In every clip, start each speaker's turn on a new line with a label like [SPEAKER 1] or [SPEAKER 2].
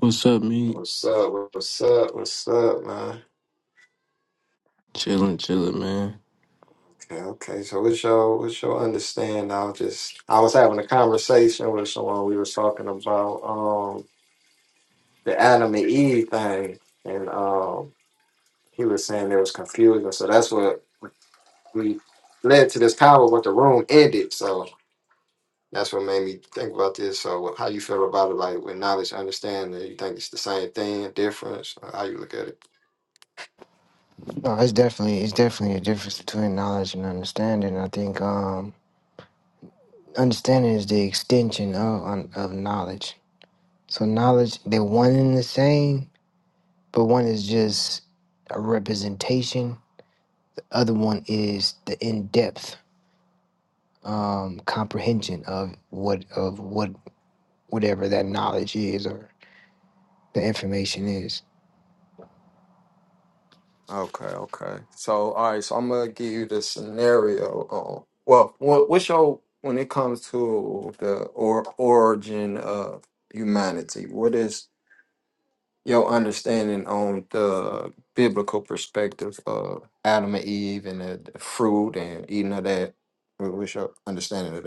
[SPEAKER 1] What's up, me?
[SPEAKER 2] What's up? What's up? What's up, man?
[SPEAKER 1] Chilling, chilling, man.
[SPEAKER 2] Okay, okay. So what's your what's your understanding? I was just I was having a conversation with someone. We was talking about um the Adam and Eve thing, and um he was saying there was confusion. So that's what we led to this power. But the room ended. So that's what made me think about this. So how you feel about it? Like with knowledge, understanding, you think it's the same thing, difference? Or How you look at it?
[SPEAKER 1] No, it's definitely it's definitely a difference between knowledge and understanding. I think um, understanding is the extension of un- of knowledge. So knowledge, they're one and the same, but one is just a representation. Other one is the in depth um, comprehension of what of what whatever that knowledge is or the information is.
[SPEAKER 2] Okay, okay. So, all right. So, I'm gonna give you the scenario. Um, well, what, what's your when it comes to the or origin of humanity? What is your understanding on the biblical perspective of Adam and Eve and the, the fruit and eating of that? What- What's your understanding of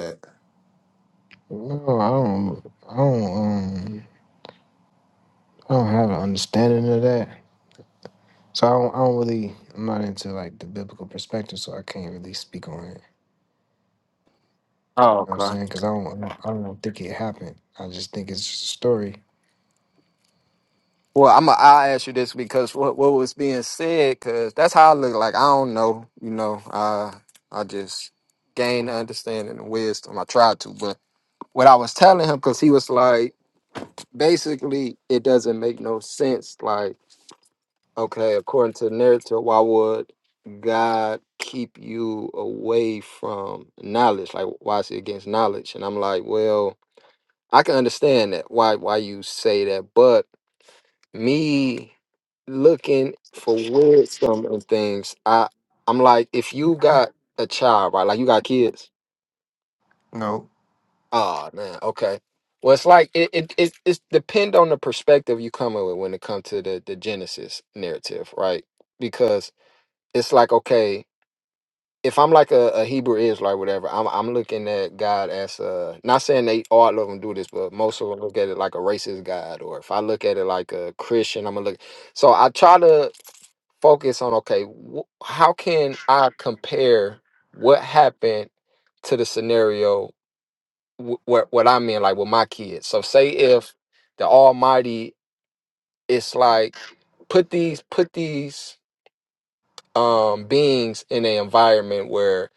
[SPEAKER 1] No, I don't. I don't. Um, I don't have an understanding of that. So I don't, I don't really, I'm not into like the biblical perspective, so I can't really speak on it. You know what I'm
[SPEAKER 2] that?
[SPEAKER 1] saying? Because I don't, I don't think it happened. I just think it's just a story.
[SPEAKER 2] Well, I'm a, I'll ask you this because what what was being said, because that's how I look like. I don't know, you know. I I just gain understanding and wisdom. I tried to, but what I was telling him, because he was like, basically, it doesn't make no sense. Like, okay, according to the narrative, why would God keep you away from knowledge? Like, why is he against knowledge? And I'm like, well, I can understand that. Why why you say that, but me looking for wisdom and things. I I'm like, if you got a child, right? Like you got kids.
[SPEAKER 1] No.
[SPEAKER 2] Oh man, okay. Well, it's like it it it it's depend on the perspective you come with when it comes to the the Genesis narrative, right? Because it's like okay. If I'm like a, a Hebrew Israelite, whatever, I'm I'm looking at God as a not saying they all of them do this, but most of them look at it like a racist God. Or if I look at it like a Christian, I'm gonna look. So I try to focus on okay wh- how can i compare what happened to the scenario wh- what what i'm in like with my kids so say if the almighty it's like put these put these um beings in an environment where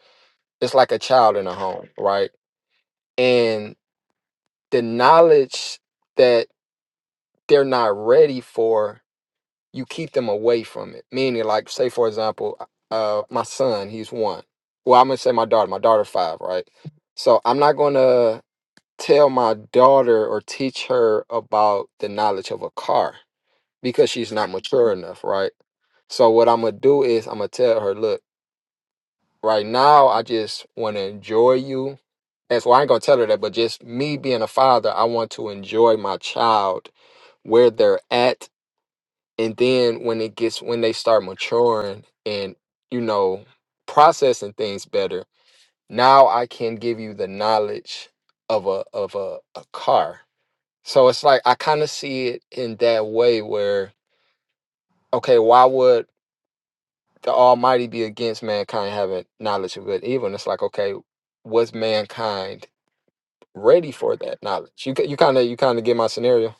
[SPEAKER 2] it's like a child in a home right and the knowledge that they're not ready for you keep them away from it. Meaning, like, say for example, uh, uh, my son, he's one. Well, I'm gonna say my daughter. My daughter's five, right? So I'm not gonna tell my daughter or teach her about the knowledge of a car because she's not mature enough, right? So what I'm gonna do is I'm gonna tell her, look, right now I just want to enjoy you. That's why I ain't gonna tell her that, but just me being a father, I want to enjoy my child where they're at and then when it gets when they start maturing and you know processing things better now i can give you the knowledge of a of a, a car so it's like i kind of see it in that way where okay why would the almighty be against mankind having knowledge of good and evil and it's like okay was mankind ready for that knowledge you ki- you kind of you kind of get my scenario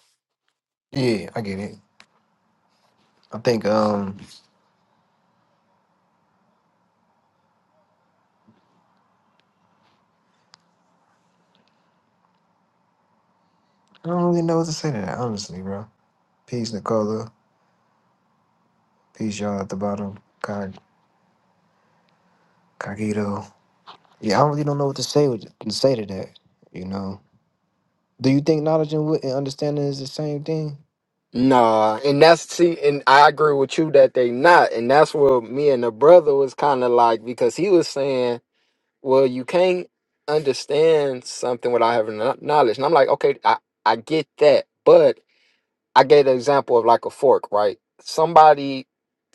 [SPEAKER 1] Yeah, I get it. I think um, I don't really know what to say to that, honestly, bro. Peace, Nicola. Peace, y'all at the bottom. Cog, Cogito. Yeah, I really don't know what to say with to say to that. You know? Do you think knowledge and, wi- and understanding is the same thing?
[SPEAKER 2] Nah, and that's see, and I agree with you that they not, and that's where me and the brother was kind of like because he was saying, "Well, you can't understand something without having kno- knowledge," and I'm like, "Okay, I I get that," but I gave the example of like a fork, right? Somebody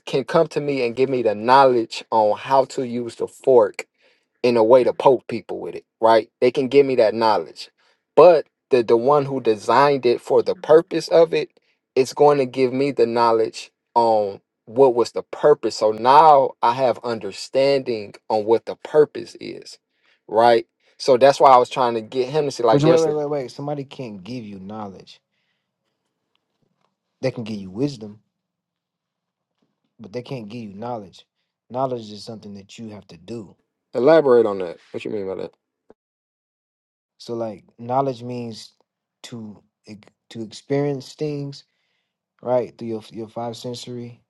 [SPEAKER 2] can come to me and give me the knowledge on how to use the fork, in a way to poke people with it, right? They can give me that knowledge. But the the one who designed it for the purpose of it, it's going to give me the knowledge on what was the purpose. So now I have understanding on what the purpose is, right? So that's why I was trying to get him to see like
[SPEAKER 1] Which wait,
[SPEAKER 2] there's a
[SPEAKER 1] wait, wait, wait. Somebody can't give you knowledge. They can give you wisdom but they can't give you knowledge. Knowledge is something that you have to do.
[SPEAKER 2] elaborate on that. What you mean by that?
[SPEAKER 1] So like knowledge means to ex- to experience things right through your your five sensory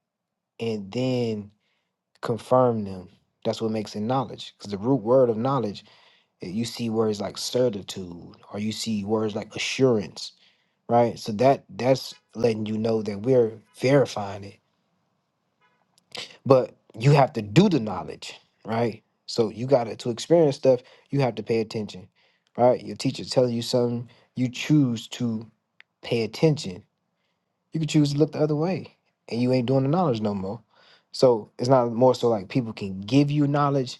[SPEAKER 1] and then confirm them. That's what makes it knowledge. Because the root word of knowledge, eh, you see words like certitude, or you see words like assurance, right? So that that's letting you know that we're verifying it but you have to do the knowledge, right? So you got to to experience stuff, you have to pay attention, right? Your teacher telling you something, you choose to pay attention you could choose to look the other way and you ain't doing the knowledge no more so it's not more so like people can give you knowledge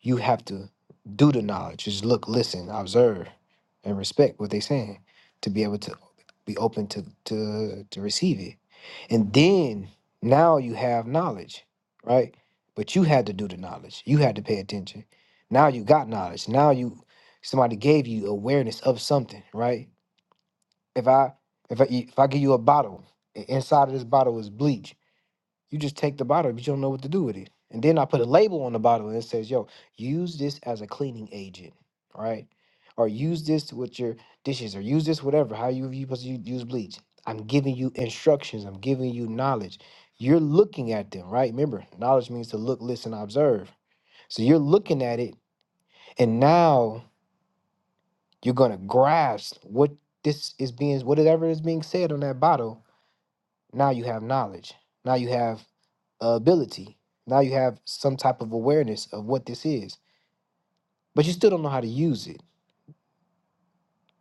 [SPEAKER 1] you have to do the knowledge just look listen observe and respect what they saying to be able to be open to to to receive it and then now you have knowledge right but you had to do the knowledge you had to pay attention now you got knowledge now you somebody gave you awareness of something right if I if I if I give you a bottle, and inside of this bottle is bleach. You just take the bottle, but you don't know what to do with it. And then I put a label on the bottle and it says, "Yo, use this as a cleaning agent, right? Or use this with your dishes, or use this whatever. How you you supposed to u- use bleach? I'm giving you instructions. I'm giving you knowledge. You're looking at them, right? Remember, knowledge means to look, listen, observe. So you're looking at it, and now you're gonna grasp what this is being, whatever is being said on that bottle, Now you have knowledge. Now you have ability. Now you have some type of awareness of what this is, but you still don't know how to use it.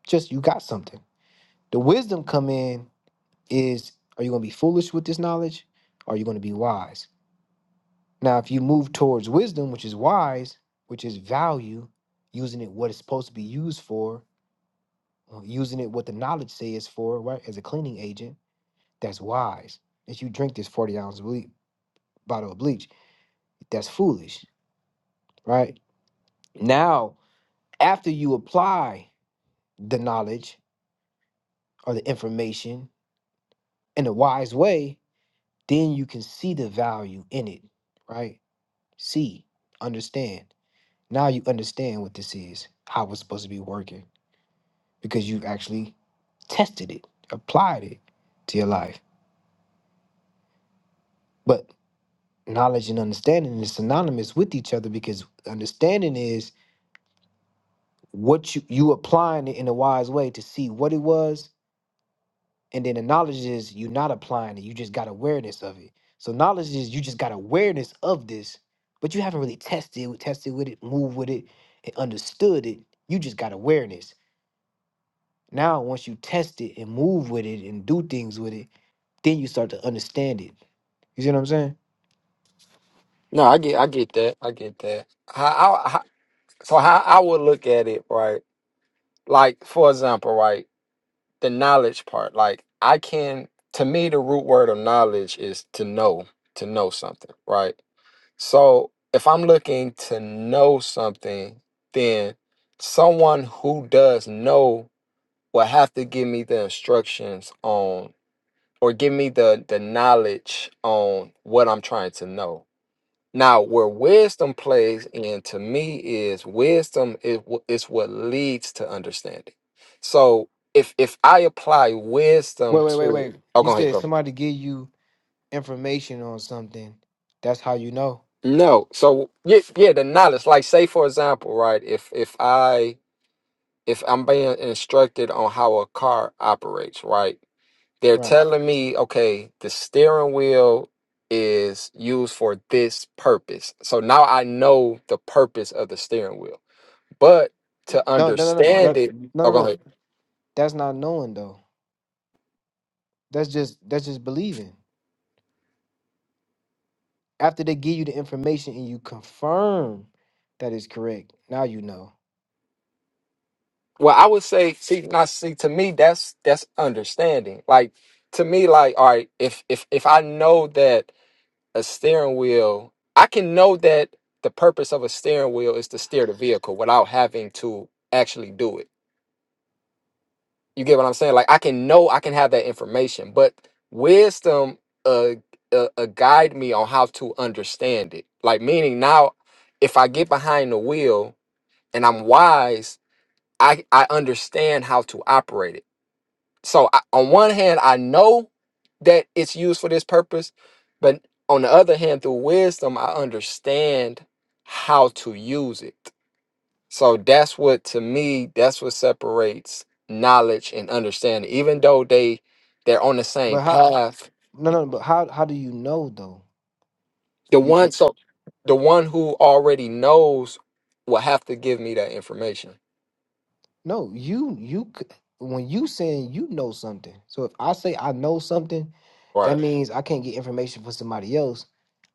[SPEAKER 1] Just you got something. The wisdom come in is are you going to be foolish with this knowledge? Or are you going to be wise? Now, if you move towards wisdom, which is wise, which is value, using it what it's supposed to be used for, uh, using it what the knowledge says for, right, as a cleaning agent, that's wise. If you drink this 40 ounce ble- bottle of bleach, that's foolish, right? Now, after you apply the knowledge or the information in a wise way, then you can see the value in it, right? See, understand. Now you understand what this is, how it's supposed to be working, because you've actually tested it, applied it to your life. But knowledge and understanding is synonymous with each other because understanding is what you you applying it in a wise way to see what it was And then the knowledge is you're not applying it, you just got awareness of it. So knowledge is you just got awareness of this, but you haven't really tested, tested with it, moved with it, and understood it. You just got awareness. Now, once you test it and move with it and do things with it, then you start to understand it. You see what I'm saying?
[SPEAKER 2] No, I get I get that. I get that. How, how, how, so how I would look at it, right? Like for example, right? the knowledge part. Like I can to me the root word of knowledge is to know, to know something, right? So if I'm looking to know something, then someone who does know will have to give me the instructions on or give me the the knowledge on what I'm trying to know now, where wisdom plays in to me is wisdom is, wh- is what leads to understanding. So if if I apply wisdom
[SPEAKER 1] Wait, wait, wait,
[SPEAKER 2] to
[SPEAKER 1] wait.
[SPEAKER 2] oh
[SPEAKER 1] You
[SPEAKER 2] go ahead,
[SPEAKER 1] said
[SPEAKER 2] go ahead.
[SPEAKER 1] somebody give you information on something. That's how you know.
[SPEAKER 2] No, so yeah, yeah, the knowledge. Like say for example, right, if if I if I'm being instructed on how a car operates, right? They're
[SPEAKER 1] Right.
[SPEAKER 2] telling me, okay, the steering wheel is used for this purpose. So now I know the purpose of the steering wheel But to
[SPEAKER 1] No, no, no, no,
[SPEAKER 2] understand
[SPEAKER 1] that-
[SPEAKER 2] it, oh,
[SPEAKER 1] no, no,
[SPEAKER 2] go
[SPEAKER 1] no.
[SPEAKER 2] ahead.
[SPEAKER 1] That's not knowing though. That's just that's just believing. After they give you the information and you confirm that it's correct, now you know.
[SPEAKER 2] Well, I would say, see, not see. To me, that's that's understanding. Like to me, like all right, if if if I know that a steering wheel, I can know that the purpose of a steering wheel is to steer the vehicle without having to actually do it. You get what I'm saying? Like I can know, I can have that information, but wisdom uh, uh, uh guide me on how to understand it. Like meaning now, if I get behind the wheel and I'm wise I I understand how to operate it. So I, on one hand, I know that it's used for this purpose, but on the other hand, through wisdom, I understand how to use it. So that's what to me, that's what separates knowledge and understanding. Even though they they're on the same
[SPEAKER 1] But how?
[SPEAKER 2] path,
[SPEAKER 1] No, no. But how? How do you know though?
[SPEAKER 2] the
[SPEAKER 1] You you-
[SPEAKER 2] one so the one who already knows will have to give me that information.
[SPEAKER 1] no. You you c- when you saying you know something. So if I say I know something, that
[SPEAKER 2] Right.
[SPEAKER 1] means I can't get information from somebody else.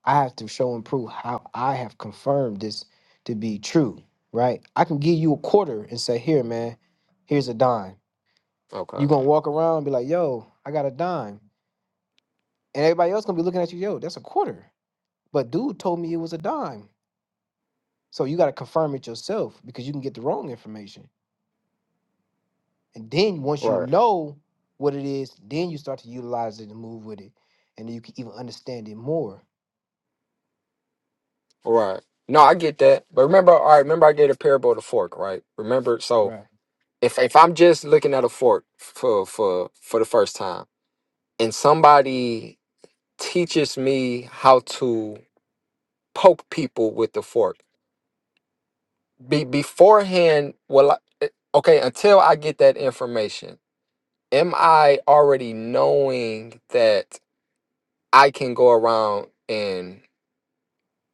[SPEAKER 1] I have to show and prove how I have confirmed this to be true, right? I can give you a quarter and say, "Here, man, here's a dime."
[SPEAKER 2] Okay.
[SPEAKER 1] You gonna walk around and be like, "Yo, I got a dime," and everybody else gonna be looking at you, "Yo, that's a quarter." But dude told me it was a dime. So you got to confirm it yourself because you can get the wrong information. And then once you
[SPEAKER 2] Right.
[SPEAKER 1] know what it is, then you start to utilize it and move with it. And then you can even understand it more.
[SPEAKER 2] Right. No, I get that. But remember, all right, remember I gave a parable of the fork, right? Remember, so
[SPEAKER 1] Right.
[SPEAKER 2] if if I'm just looking at a fork for for for the first time and somebody teaches me how to poke people with the fork, be beforehand, well I, eh, okay, until I get that information, am I already knowing that I can go around and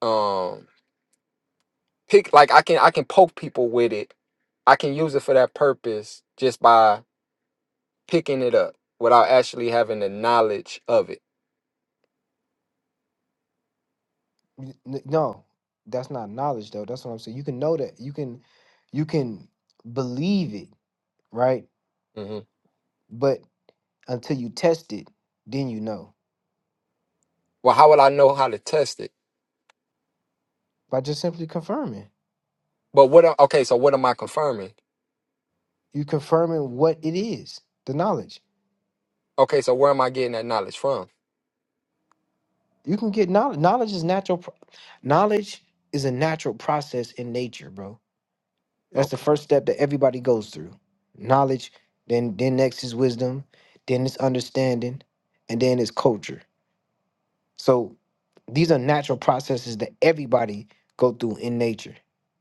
[SPEAKER 2] um? pick like I can I can poke people with it. I can use it for that purpose just by picking it up without actually having the knowledge of it.
[SPEAKER 1] N- n- No, that's not knowledge though. That's what I'm saying. You can know that. You can you can believe it, right?
[SPEAKER 2] hmm
[SPEAKER 1] But until you test it, then you know.
[SPEAKER 2] Well, how would I know how to test it?
[SPEAKER 1] By just simply confirming.
[SPEAKER 2] But what? am- Okay, so what am I confirming?
[SPEAKER 1] You confirming what it is, the knowledge.
[SPEAKER 2] Okay, so where am I getting that knowledge from?
[SPEAKER 1] You can get knowledge. Knowledge is natural. pro- Knowledge is a natural process in nature, bro. That's the
[SPEAKER 2] Okay,
[SPEAKER 1] first step that everybody goes through. Knowledge, then then next is wisdom, then it's understanding, and then it's culture. So these are natural processes that everybody go through in nature.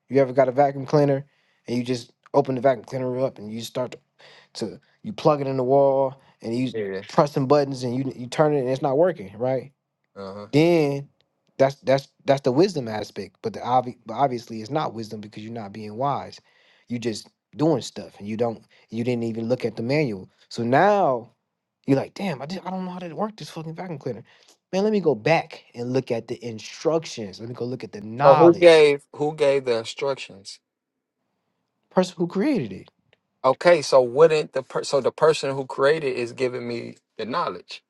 [SPEAKER 1] You ever got a vacuum cleaner and you just open the vacuum cleaner up and you start to, to you plug it in the wall and you
[SPEAKER 2] yeah.
[SPEAKER 1] pressing buttons and you you turn it and it's not working, right?
[SPEAKER 2] Uh huh.
[SPEAKER 1] then that's that's that's the wisdom aspect. But the obvi- but obviously it's not wisdom because you're not being wise. You just doing stuff and you don't you didn't even look at the manual. So now you're like, damn, I did, I don't know how to work this fucking vacuum cleaner. Man, let me go back and look at the instructions. Let me go look at the
[SPEAKER 2] So who
[SPEAKER 1] knowledge.
[SPEAKER 2] gave who gave the instructions?
[SPEAKER 1] Person who created it.
[SPEAKER 2] Okay, so wouldn't the per- so the person who created is giving me the knowledge,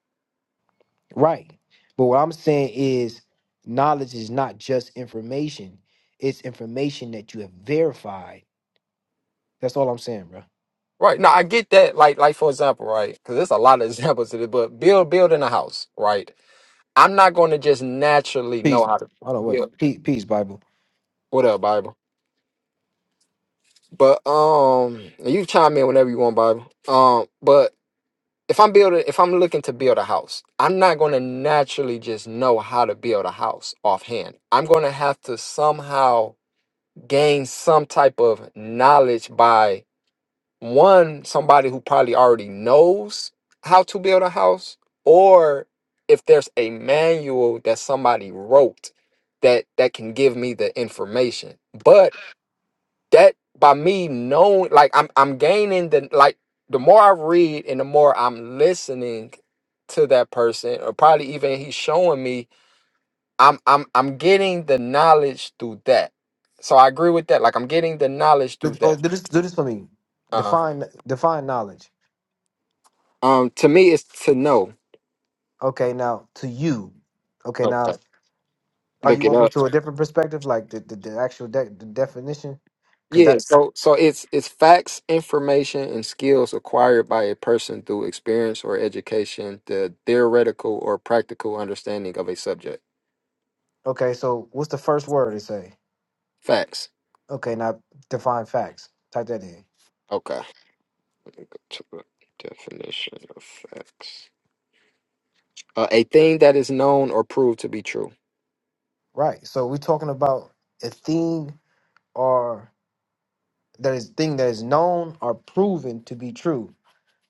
[SPEAKER 1] Right. But what I'm saying is knowledge is not just information. It's information that you have verified. That's all I'm saying, bro.
[SPEAKER 2] right? Now I get that. Like like for example, right? Because there's a lot of examples of it. But build building a house, right? I'm not going to just naturally know
[SPEAKER 1] Peace.
[SPEAKER 2] how to
[SPEAKER 1] Hold on, wait.
[SPEAKER 2] build.
[SPEAKER 1] Peace, peace Bible.
[SPEAKER 2] What up, Bible? But um, you chime in whenever you want, Bible. Um, but if I'm building, if I'm looking to build a house, I'm not going to naturally just know how to build a house offhand. I'm going to have to somehow gain some type of knowledge by one somebody who probably already knows how to build a house or if there's a manual that somebody wrote that that can give me the information but that by me knowing like i'm i'm gaining the like the more i read and the more i'm listening to that person or probably even he's showing me i'm i'm i'm getting the knowledge through that so i agree with that like i'm getting the knowledge through
[SPEAKER 1] Look, uh,
[SPEAKER 2] that
[SPEAKER 1] do this. Do this for me.
[SPEAKER 2] uh-huh
[SPEAKER 1] Define define knowledge.
[SPEAKER 2] um to me it's to know
[SPEAKER 1] Okay, now to you. Okay,
[SPEAKER 2] Okay.
[SPEAKER 1] now are
[SPEAKER 2] Look
[SPEAKER 1] you
[SPEAKER 2] it
[SPEAKER 1] open
[SPEAKER 2] up.
[SPEAKER 1] to a different perspective, like the the, the actual de- the definition? Cause
[SPEAKER 2] Yeah,
[SPEAKER 1] that.
[SPEAKER 2] so so it's it's facts, information, and skills acquired by a person through experience or education, the theoretical or practical understanding of a subject.
[SPEAKER 1] Okay, so what's the first word it say?
[SPEAKER 2] Facts.
[SPEAKER 1] Okay, now define facts. Type that in.
[SPEAKER 2] Okay. Let me go to the definition of facts. Uh, a thing that is known or proved to be true.
[SPEAKER 1] Right. So we're talking about a thing or that is thing that is known or proven to be true.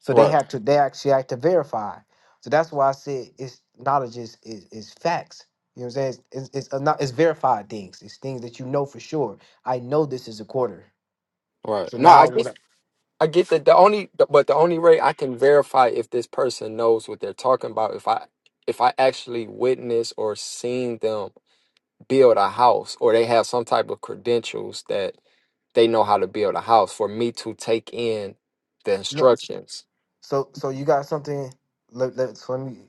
[SPEAKER 1] So they
[SPEAKER 2] Right.
[SPEAKER 1] have to they actually have to verify. So that's why I said it's knowledge is is, is facts. You know what I'm saying? It's, it's, it's not it's verified things. It's things that you know for sure. I know this is a quarter.
[SPEAKER 2] Right.
[SPEAKER 1] So
[SPEAKER 2] No, I
[SPEAKER 1] now
[SPEAKER 2] get
[SPEAKER 1] what? I,
[SPEAKER 2] I get that the only but the only way I can verify if this person knows what they're talking about if I if I actually witness or seen them build a house or they have some type of credentials that they know how to build a house for me to take in the
[SPEAKER 1] look,
[SPEAKER 2] instructions.
[SPEAKER 1] so so you got something. Let, let, so let me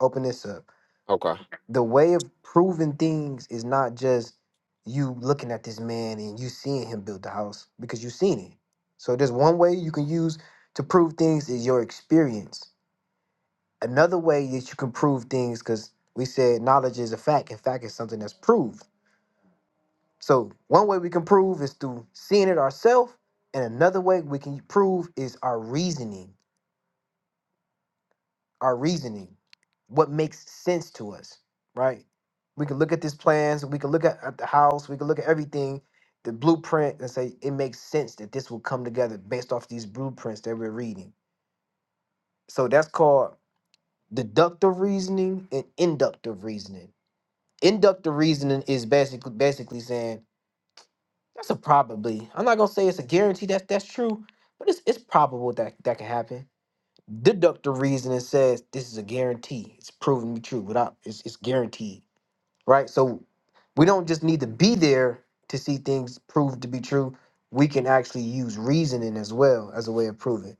[SPEAKER 1] open this up.
[SPEAKER 2] Okay.
[SPEAKER 1] The way of proving things is not just you looking at this man and you seeing him build the house because you've seen it. So there's one way you can use to prove things is your experience another way that you can prove things because we said knowledge is a fact and fact is something that's proved so one way we can prove is through seeing it ourselves and another way we can prove is our reasoning our reasoning what makes sense to us right we can look at these plans we can look at, at the house we can look at everything the blueprint and say it makes sense that this will come together based off these blueprints that we're reading so that's called deductive reasoning and inductive reasoning Inductive reasoning is basically basically saying that's a probably. I'm not gonna say it's a guarantee that that's true, but it's it's probable that that can happen. Deductive reasoning says this is a guarantee. It's proven to be true without it's it's guaranteed, right? So we don't just need to be there to see things proved to be true. We can actually use reasoning as well as a way of proving.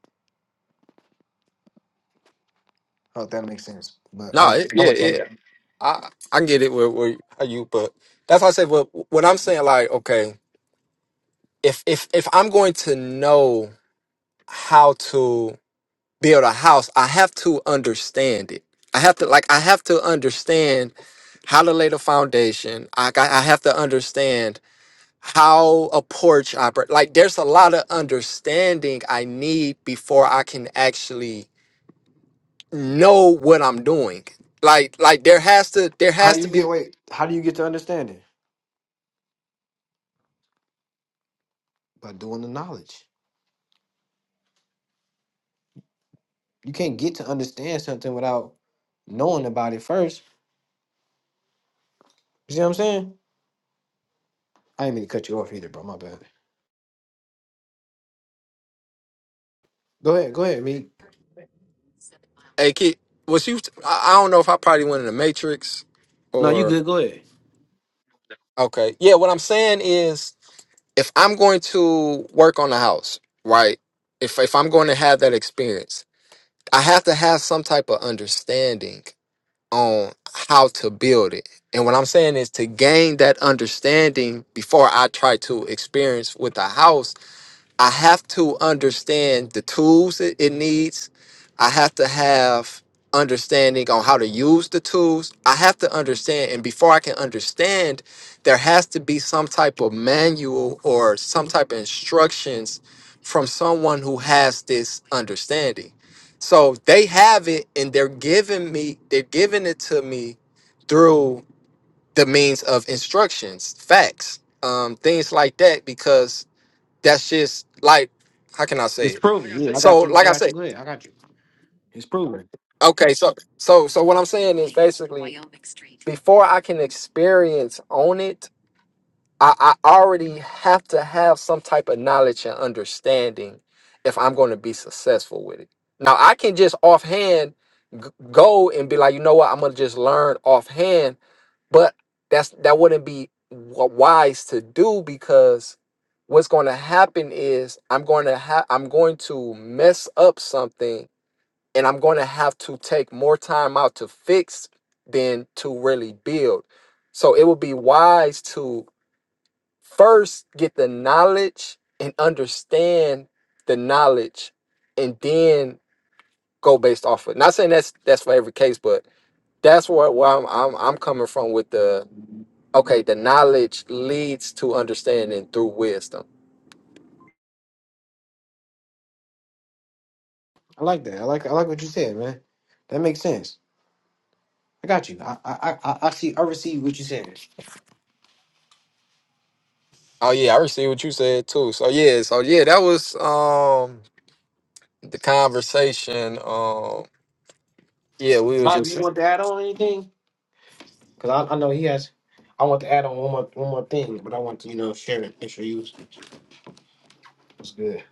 [SPEAKER 1] I hope that makes sense. But
[SPEAKER 2] No,
[SPEAKER 1] I
[SPEAKER 2] it,
[SPEAKER 1] I
[SPEAKER 2] yeah,
[SPEAKER 1] want to.
[SPEAKER 2] it, I I get it where where how you but that's why I say what what I'm saying like okay, if if if I'm going to know how to build a house, I have to understand it. I have to like I have to understand how to lay the foundation. I got, I have to understand how a porch operates. Like there's a lot of understanding I need before I can actually know what I'm doing. Like like there has to there
[SPEAKER 1] How
[SPEAKER 2] has
[SPEAKER 1] do
[SPEAKER 2] to
[SPEAKER 1] you
[SPEAKER 2] be
[SPEAKER 1] get wait? How do you get to understanding? By doing the knowledge. You can't get to understand something without knowing about it first. You see what I'm saying? I didn't mean to cut you off either, bro. My bad. Go ahead, go ahead, me.
[SPEAKER 2] a kid. Was you? I I don't know if I probably went in the matrix
[SPEAKER 1] No, you
[SPEAKER 2] or
[SPEAKER 1] good. Go ahead.
[SPEAKER 2] okay. Yeah, what I'm saying is if I'm going to work on the house, right? If if I'm going to have that experience, I have to have some type of understanding on how to build it. And what I'm saying is to gain that understanding before I try to experience with a house I have to understand the tools it, it needs. I have to have understanding on how to use the tools. I have to understand, and before I can understand, there has to be some type of manual or some type of instructions from someone who has this understanding. So they have it and they're giving me they're giving it to me through the means of instructions, facts, um, things like that because that's just like how can I say
[SPEAKER 1] It's
[SPEAKER 2] it?
[SPEAKER 1] proven. Yeah, I
[SPEAKER 2] So
[SPEAKER 1] got you. I
[SPEAKER 2] like I
[SPEAKER 1] got you.
[SPEAKER 2] said,
[SPEAKER 1] Go ahead. I got you. It's proven.
[SPEAKER 2] okay, so so so what I'm saying is basically before I can experience on it. I, I already have to have some type of knowledge and understanding if I'm going to be successful with it. Now, I can just offhand g- go and be like, you know what, I'm going to just learn offhand, but that's that wouldn't be w- wise to do because what's going to happen is I'm going to have I'm going to mess up something and I'm going to have to take more time out to fix than to really build. So it would be wise to first get the knowledge and understand the knowledge and then go based off of it. Not saying that's that's for every case, but that's where, where I'm, I'm I'm coming from with the okay, the knowledge leads to understanding through wisdom.
[SPEAKER 1] I like that. I like. I like what you said, man. That makes sense. I got you. I I I, I see. I receive what you said.
[SPEAKER 2] Oh yeah, I received what you said too. So yeah, so yeah, that was um the conversation. Um yeah, we were
[SPEAKER 1] Bobby,
[SPEAKER 2] just
[SPEAKER 1] you want to add on anything? Cause I, I know he has. I want to add on one more one more thing, but I want to you know share it. Make sure you was was good.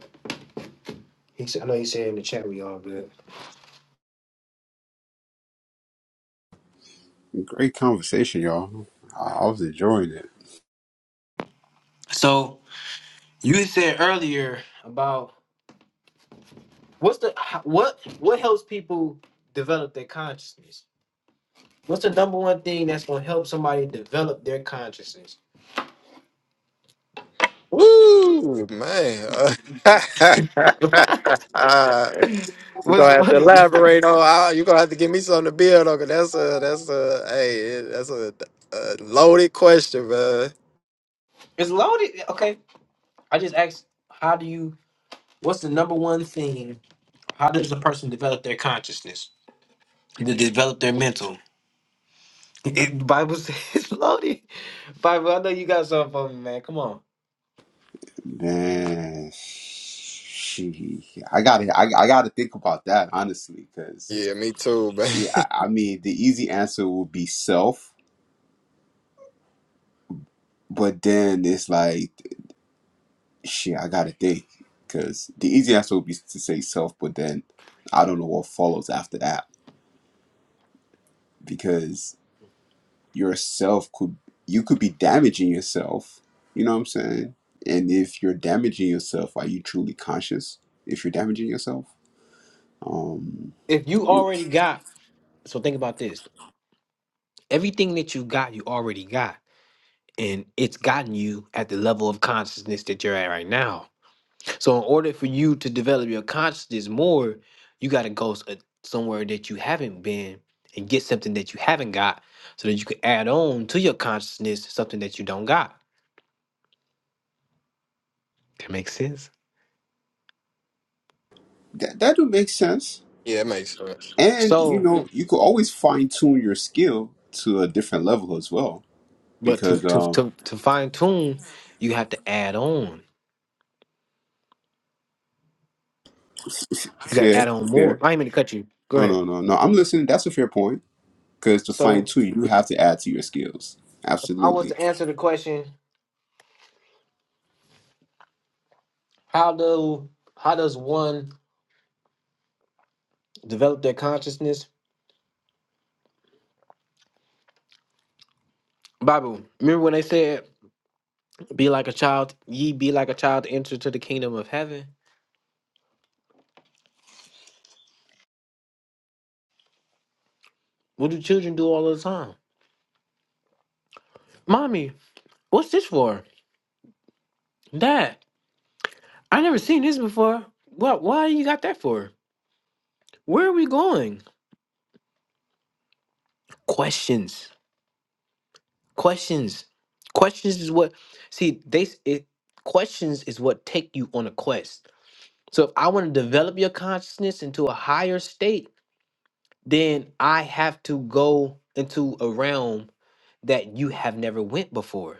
[SPEAKER 1] He said. I know he said in the chat we all good.
[SPEAKER 3] Great conversation, y'all. I I was enjoying it.
[SPEAKER 1] So. You said earlier about what's the how- what what helps people develop their consciousness. What's the number one thing that's gonna help somebody develop their consciousness?
[SPEAKER 2] Woo, man. Uh, You're
[SPEAKER 1] What's
[SPEAKER 2] gonna have to
[SPEAKER 1] funny?
[SPEAKER 2] elaborate on. I- You're gonna have to give me something to build on, 'cause that's a that's a hey, that's a, a loaded question, man.
[SPEAKER 1] It's loaded. Okay, I just asked, how do you? What's the number one thing? How does a person develop their consciousness? To develop their mental. It, Bible says it's loaded. Bible, I know you got something for me, man. Come on.
[SPEAKER 3] Man, she, I gotta, I, I gotta think about that honestly, because
[SPEAKER 2] Yeah, me too, man.
[SPEAKER 3] yeah, I, I mean, the easy answer would be self, but then it's like, shit, I gotta think, because the easy answer would be to say self, but then I don't know what follows after that, yourself could you could be damaging yourself you know what i'm saying and if you're damaging yourself are you truly conscious if you're damaging yourself um
[SPEAKER 1] If you already got, so think about this. Everything that you got, you already got. And it's gotten you at the level of consciousness that you're at right now. So, in order for you to develop your consciousness more, you got to go s- uh, somewhere that you haven't been and get something that you haven't got so that you can add on to your consciousness something that you don't got. That makes sense.
[SPEAKER 3] that, that would make sense
[SPEAKER 2] yeah, it makes sense.
[SPEAKER 3] and you
[SPEAKER 1] So,
[SPEAKER 3] know you could always fine tune your skill to a different level as well
[SPEAKER 1] but to,
[SPEAKER 3] because
[SPEAKER 1] to,
[SPEAKER 3] um
[SPEAKER 1] to, to fine tune, you have to add on.
[SPEAKER 3] f-
[SPEAKER 1] You got to
[SPEAKER 3] fair
[SPEAKER 1] add on more.
[SPEAKER 3] fair
[SPEAKER 1] I ain't mean to cut you. Go
[SPEAKER 3] no
[SPEAKER 1] ahead.
[SPEAKER 3] no no no i'm listening that's a fair point because to fine
[SPEAKER 1] So,
[SPEAKER 3] tune you have to add to your skills
[SPEAKER 1] if I was
[SPEAKER 3] absolutely
[SPEAKER 1] to answer the question. How do how does one develop their consciousness? Bible. Remember when they said, "Be like a child, ye be like a child, to enter to the kingdom of heaven." What do children do all the time? Mommy, what's this for? Dad, I never seen this before. What? Why you got that for? Where are we going? Questions. Questions. Questions is what. See, they it, questions is what take you on a quest. So if I want to develop your consciousness into a higher state, then I have to go into a realm that you have never went before.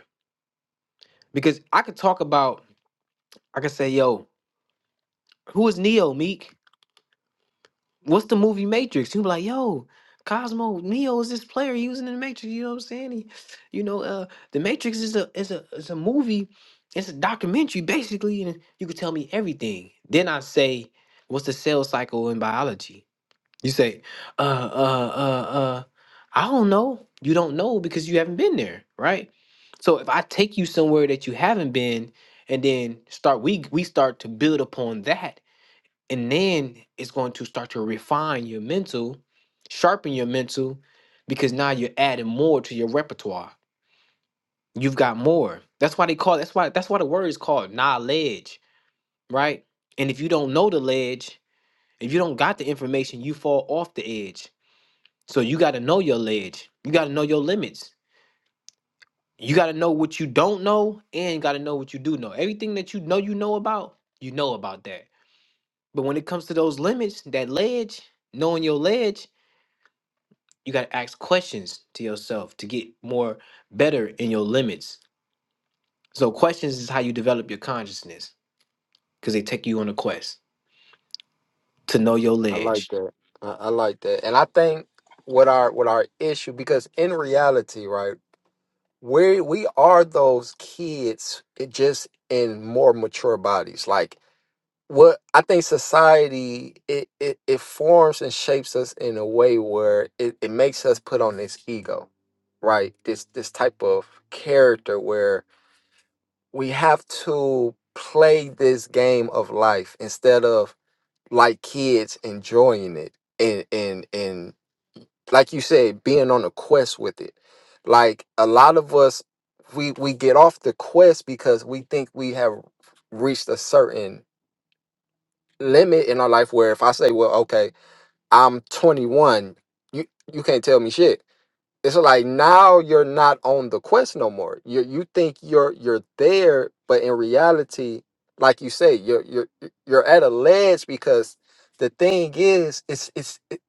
[SPEAKER 1] Because I could talk about, I could say, yo, who is Neo, Meek? What's the movie Matrix? You'd be like, yo, Cosmo, Neo is this player using the Matrix, you know what I'm saying? He- you know, uh the Matrix is a is a is a movie, it's a documentary basically, and you could tell me everything. Then I say, what's the sales cycle in biology? You say, uh, uh, uh, uh, I don't know. You don't know because you haven't been there, right? So if I take you somewhere that you haven't been, and then start we we start to build upon that, and then it's going to start to refine your mental, sharpen your mental, because now you're adding more to your repertoire. You've got more. That's why they call that's why that's why the word is called knowledge, right? And if you don't know the ledge, if you don't got the information, you fall off the edge so you got to know your ledge. You got to know your limits. You got to know what you don't know and got to know what you do know. Everything that you know you know about, you know about that. But when it comes to those limits, that ledge, knowing your ledge, you got to ask questions to yourself to get more better in your limits. So questions is how you develop your consciousness cuz they take you on a quest to know your
[SPEAKER 2] I like
[SPEAKER 1] ledge.
[SPEAKER 2] that. I, I like that, and I think what our what our issue because in reality, right, we we are those kids, it just in more mature bodies, like. what I think society it, it it forms and shapes us in a way where it, it makes us put on this ego, right? This this type of character where we have to play this game of life instead of like kids enjoying it and and and like you said, being on a quest with it. Like a lot of us we we get off the quest because we think we have reached a certain limit in our life where if I say, well, okay, I'm 21, you you can't tell me shit. It's like now you're not on the quest no more. You you think you're you're there, but in reality, like you say, you're you're you're at a ledge because the thing is, it's it's it-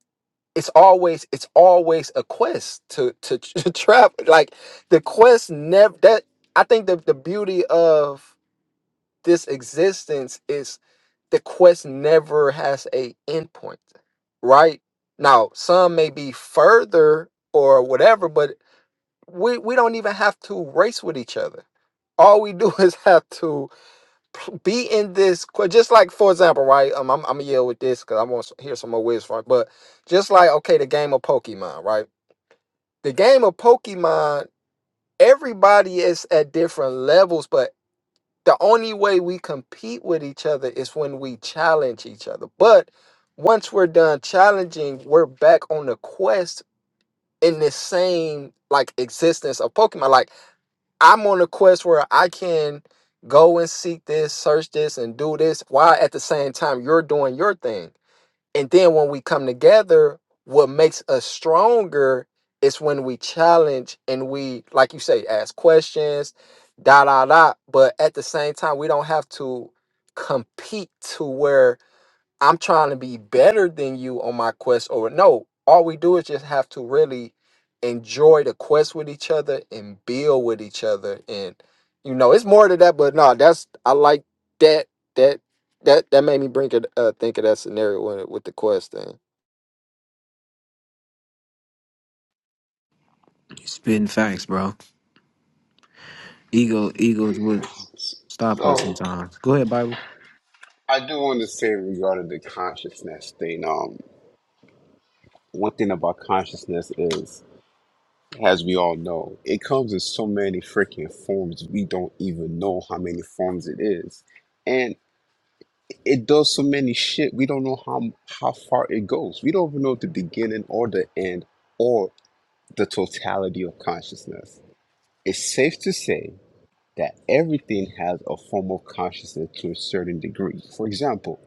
[SPEAKER 2] it's always it's always a quest to to, to travel. Like the quest never that I think the the beauty of this existence is the quest never has a endpoint, right? Now, some may be further or whatever, but we, we don't even have to race with each other. All we do is have to pl- be in this. que- Just like, for example, right? Um, I'm, I'm gonna yell with this because I want to hear some more wisdom. right? But just like, okay, the game of Pokemon, right? The game of Pokemon, everybody is at different levels, but the only way we compete with each other is when we challenge each other. But once we're done challenging, we're back on the quest in this same like existence of Pokemon. Like I'm on a quest where I can go and seek this, search this, and do this while at the same time you're doing your thing. And then when we come together, what makes us stronger is when we challenge and we, like you say, ask questions, da da da. But at the same time, we don't have to compete to where I'm trying to be better than you on my quest or no. All we do is just have to really enjoy the quest with each other and build with each other. And you know, it's more to that, but no, that's I like that that that that made me bring it uh think of that scenario with, with the quest thing.
[SPEAKER 1] You Spitting facts, bro. Ego egos would stop us
[SPEAKER 3] So
[SPEAKER 1] sometimes. Go ahead, Bible.
[SPEAKER 3] I do want to say regarding the consciousness thing. Um, one thing about consciousness is, as we all know, it comes in so many freaking forms. We don't even know how many forms it is, and it does so many shit. We don't know how how far it goes. We don't even know the beginning or the end or the totality of consciousness. It's safe to say that everything has a form of consciousness to a certain degree. For example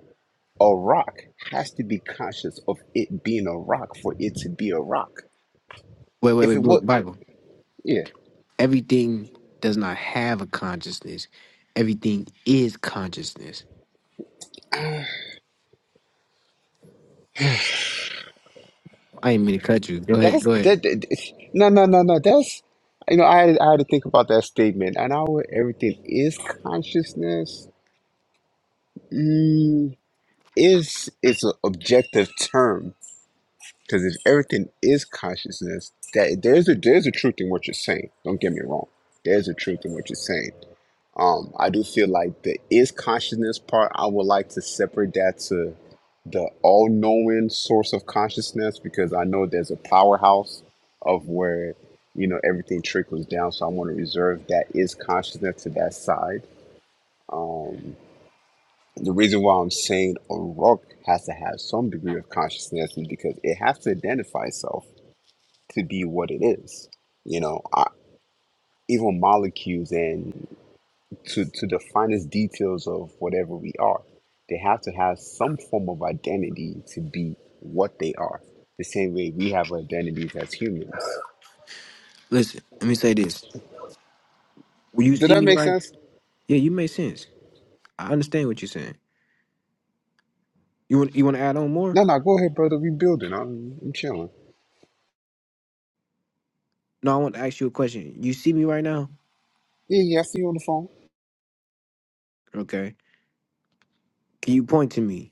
[SPEAKER 3] a rock has to be conscious of it being a rock for it to be a rock.
[SPEAKER 1] Wait, wait,
[SPEAKER 3] If
[SPEAKER 1] wait,
[SPEAKER 3] it
[SPEAKER 1] Blue-
[SPEAKER 3] would,
[SPEAKER 1] Bible.
[SPEAKER 3] yeah,
[SPEAKER 1] everything does not have a consciousness. Everything is consciousness. I ain't mean to cut you. Go ahead.
[SPEAKER 3] that's
[SPEAKER 1] Go ahead.
[SPEAKER 3] that. that- no, no, no, no. That's you know, I had, I had to think about that statement, and our everything is consciousness. Mm, is is an objective term because if everything is consciousness, that there's a there's a truth in what you're saying. Don't get me wrong. There's a truth in what you're saying Um, I do feel like the is consciousness part, I would like to separate that to the all knowing source of consciousness because I know there's a powerhouse of where, you know, everything trickles down. So I want to reserve that is consciousness to that side. Um, the reason why I'm saying O'Rourke has to have some degree of consciousness is because it has to identify itself to be what it is. You know, I, even molecules and to, to the finest details of whatever we are. They have to have some form of identity to be what they are. The same way we have identities as humans.
[SPEAKER 1] Listen, let me say this. Will you
[SPEAKER 3] Did
[SPEAKER 1] see
[SPEAKER 3] that
[SPEAKER 1] me
[SPEAKER 3] make
[SPEAKER 1] right?
[SPEAKER 3] sense?
[SPEAKER 1] Yeah, you make sense. I understand what you're saying. You want you want to add on more?
[SPEAKER 3] No, no, go ahead, brother. We building. I'm, I'm chilling.
[SPEAKER 1] No, I want to ask you a question. You see me right now?
[SPEAKER 3] Yeah, yeah, I see you on the phone.
[SPEAKER 1] Okay. Can you point to me?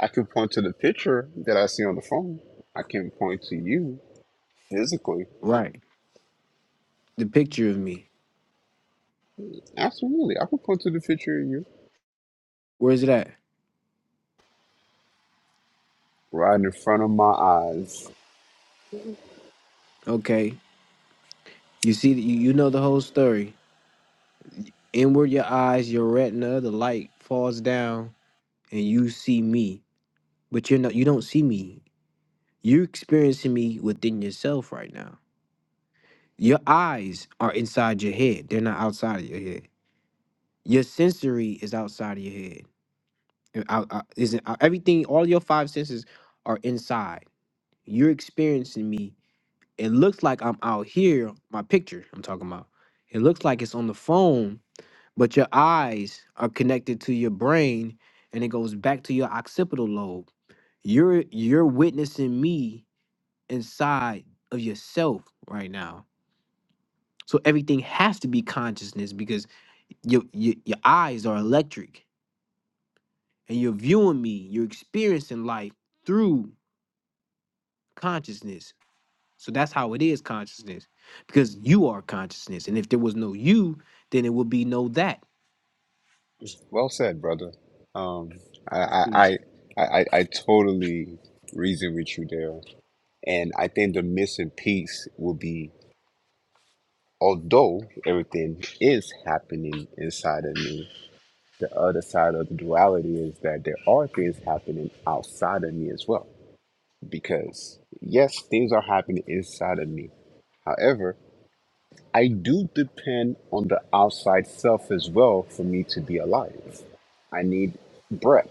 [SPEAKER 3] I can point to the picture that I see on the phone. I can point to you physically.
[SPEAKER 1] Right. The picture of me.
[SPEAKER 3] Absolutely. I can point to the picture of you
[SPEAKER 1] Where is it at?
[SPEAKER 3] right in front of my eyes.
[SPEAKER 1] Okay. You see that you, you know the whole story. Inward your eyes, your retina, the light falls down, and you see me. But you're not you don't see me. You're experiencing me within yourself right now. Your eyes are inside your head; they're not outside of your head. Your sensory is outside of your head. And Out, out- isn't out- everything? All your five senses are inside. You're experiencing me. It looks like I'm out here. My picture I'm talking about. It looks like it's on the phone, but your eyes are connected to your brain, and it goes back to your occipital lobe. You're you're witnessing me inside of yourself right now. So everything has to be consciousness because your your, your eyes are electric and you're viewing me, you're experiencing life through consciousness. So that's how it is consciousness because you are consciousness. And if there was no you, then it would be no that.
[SPEAKER 3] Well said, brother. Um, I, I,
[SPEAKER 1] Mm.
[SPEAKER 3] I, I, I totally reason with you there, and I think the missing piece will be, although everything is happening inside of me, the other side of the duality is that there are things happening outside of me as well. Because yes, things are happening inside of me. However, I do depend on the outside self as well for me to be alive. I need breath.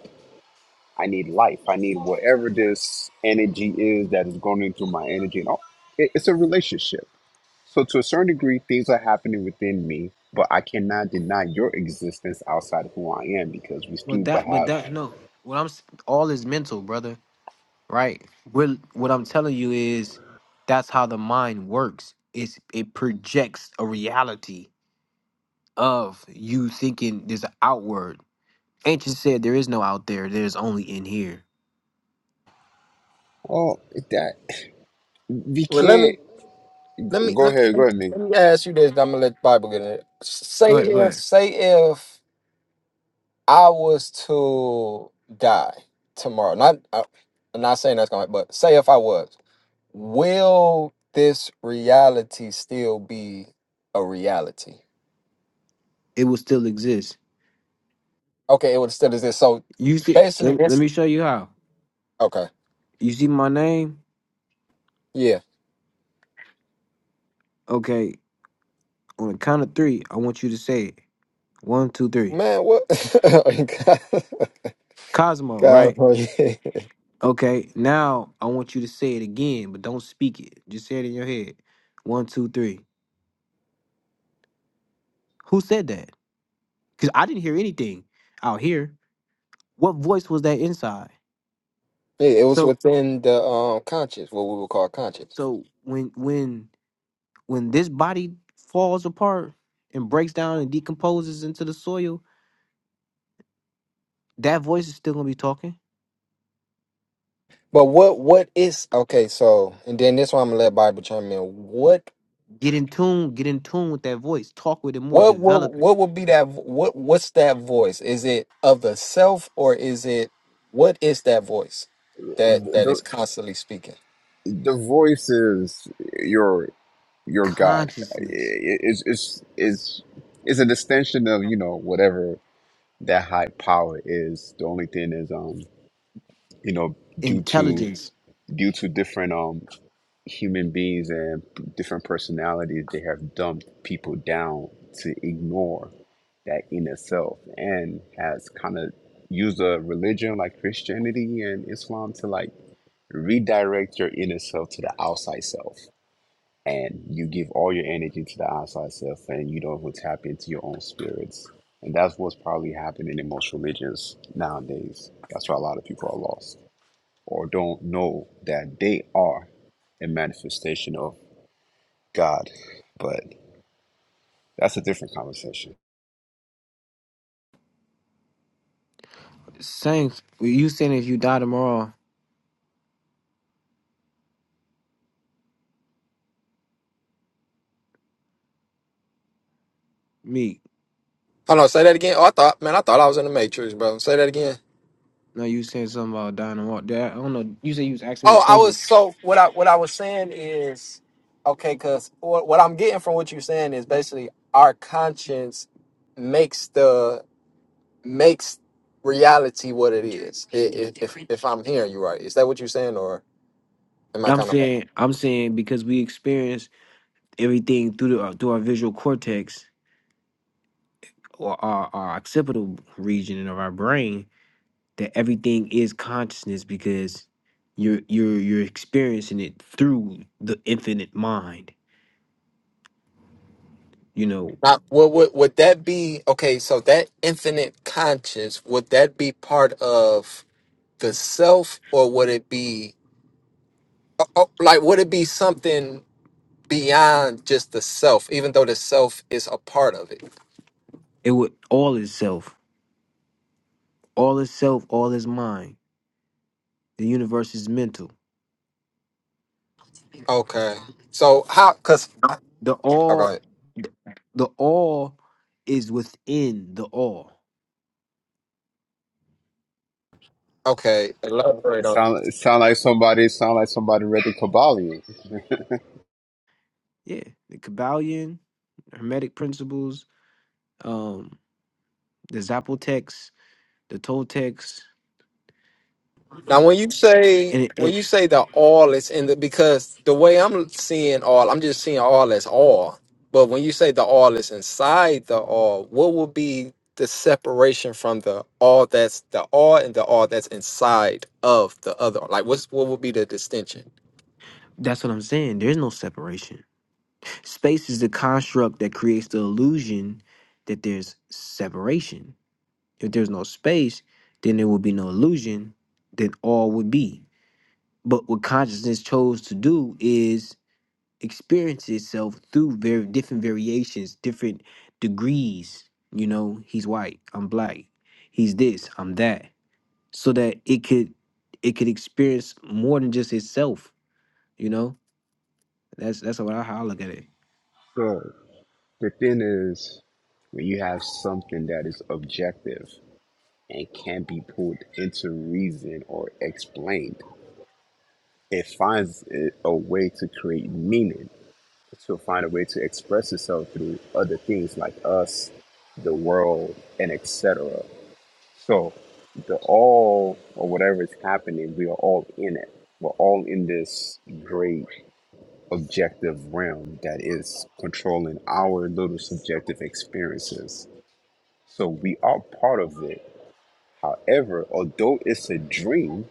[SPEAKER 3] I need life. I need whatever this energy is that is going into my energy. And all. It, it's a relationship. So, to a certain degree, things are happening within me, but I cannot deny your existence outside of who I am because we still
[SPEAKER 1] But
[SPEAKER 3] but
[SPEAKER 1] that but
[SPEAKER 3] have,
[SPEAKER 1] that no. What I'm s- all is mental, brother. Right? Well, what I'm telling you is that's how the mind works. It's it projects a reality of you thinking there's an outward. Ancient said there is no out there, there's only in here.
[SPEAKER 3] oh, that we
[SPEAKER 2] Well let me
[SPEAKER 3] can't.
[SPEAKER 2] let me
[SPEAKER 3] Go
[SPEAKER 2] let
[SPEAKER 3] ahead, go
[SPEAKER 2] me,
[SPEAKER 3] ahead, Nick.
[SPEAKER 2] let me ask you this, I'm gonna let the Bible get in it.
[SPEAKER 1] Go
[SPEAKER 2] Say
[SPEAKER 1] ahead, go
[SPEAKER 2] if
[SPEAKER 1] ahead.
[SPEAKER 2] say if I was to die tomorrow. Not I, I'm not saying that's gonna but say if I was will this reality still be a reality?
[SPEAKER 1] It will still exist.
[SPEAKER 2] Okay, it would still exist. So
[SPEAKER 1] You see,
[SPEAKER 2] basically,
[SPEAKER 1] let, let
[SPEAKER 2] this.
[SPEAKER 1] me show you how.
[SPEAKER 2] Okay,
[SPEAKER 1] You see my name?
[SPEAKER 2] yeah,
[SPEAKER 1] Okay, on the count of three, I want you to say it. One, two, three.
[SPEAKER 2] man. What?
[SPEAKER 1] Cosmo,
[SPEAKER 2] God,
[SPEAKER 1] right?
[SPEAKER 2] oh, yeah.
[SPEAKER 1] Okay, now I want you to say it again, but don't speak it. Just say it in your head. One, two, three. Who said that? Because I didn't hear anything out here. What voice was that inside?
[SPEAKER 2] Yeah, it was
[SPEAKER 1] So,
[SPEAKER 2] within the um conscious, what we would call conscious.
[SPEAKER 1] so when when when this body falls apart and breaks down and decomposes into the soil, that voice is still gonna be talking.
[SPEAKER 2] But what what is okay? So, and then this one I'm gonna let Bible chime in. What
[SPEAKER 1] Get in tune, get in tune with that voice. Talk with it more.
[SPEAKER 2] What will what
[SPEAKER 1] Develop it.
[SPEAKER 2] what would be that what what's that voice? Is it of the self or is it what is that voice that that
[SPEAKER 3] The,
[SPEAKER 2] is constantly speaking?
[SPEAKER 3] the, the voice is your your God. I-
[SPEAKER 1] Consciousness,
[SPEAKER 3] i- It's, it's, it's, it's an extension of, you know, whatever that high power is. The only thing is, um, you know due to
[SPEAKER 1] intelligence.
[SPEAKER 3] due to different um human beings and p- different personalities they have dumped people down to ignore that inner self and has kind of used a religion like christianity and islam to like redirect your inner self to the outside self and you give all your energy to the outside self and you don't even tap into your own spirits and that's what's probably happening in most religions nowadays that's why a lot of people are lost or don't know that they are a manifestation of God. But that's a different conversation.
[SPEAKER 1] Saying you saying if you die tomorrow, me.
[SPEAKER 2] Hold on, say that again. Oh, I thought man, I thought I was in the matrix, bro. Say that again.
[SPEAKER 1] No, you said something about dying tomorrow. That, I don't know. You said you was asking me a
[SPEAKER 2] Oh, I was
[SPEAKER 1] question.
[SPEAKER 2] so what I what I was saying is okay, because what, what I'm getting from what you're saying is basically our conscience makes the makes reality what it is. i- i- If, if, I'm hearing you right, is that what you're saying, or am I
[SPEAKER 1] I'm
[SPEAKER 2] kind of
[SPEAKER 1] saying I'm saying because we experience everything through the, uh, through our visual cortex or our, our occipital region of our brain that everything is consciousness because you're you're you're experiencing it through the infinite mind. You know,
[SPEAKER 2] not? Would, would would that be okay? So that infinite conscience would that be part of the self, or would it be oh, oh, like would it be something beyond just the self, even though the self is a part of it?
[SPEAKER 1] it would all is self, all is self, all is mind. The universe is mental.
[SPEAKER 2] Okay. So how? Cause
[SPEAKER 1] The
[SPEAKER 2] oh, go
[SPEAKER 1] all,
[SPEAKER 2] ahead.
[SPEAKER 1] the, the all is within the all.
[SPEAKER 2] Okay.
[SPEAKER 3] It sound, it sound like somebody it sound like somebody read the Kabbalion.
[SPEAKER 1] Yeah, the Kabbalion, Hermetic principles, um, the Zapotec, the Toltecs,
[SPEAKER 2] Now, when you say
[SPEAKER 1] and it,
[SPEAKER 2] when
[SPEAKER 1] it,
[SPEAKER 2] you say the all is in the because the way I'm seeing all, I'm just seeing all as all. But when you say the all is inside the all, what would be the separation from the all that's the all and the all that's inside of the other? Like, what's what would be the distinction?
[SPEAKER 1] that's what I'm saying. There's no separation. Space is the construct that creates the illusion that there's separation. If there's no space, then there would be no illusion that all would be. But what consciousness chose to do is experience itself through very different variations, different degrees. You know, he's white, I'm black, he's this, I'm that. So that it could it could experience more than just itself, you know? That's that's what I, how I look at it.
[SPEAKER 3] So the thing is when you have something that is objective and can be pulled into reason or explained, it finds a a way to create meaning. To find a way to express itself through other things like us, the world, and etc. So the all or whatever is happening, we are all in it. We're all in this great objective realm that is controlling our little subjective experiences. So we are part of it. However, although it's a dream,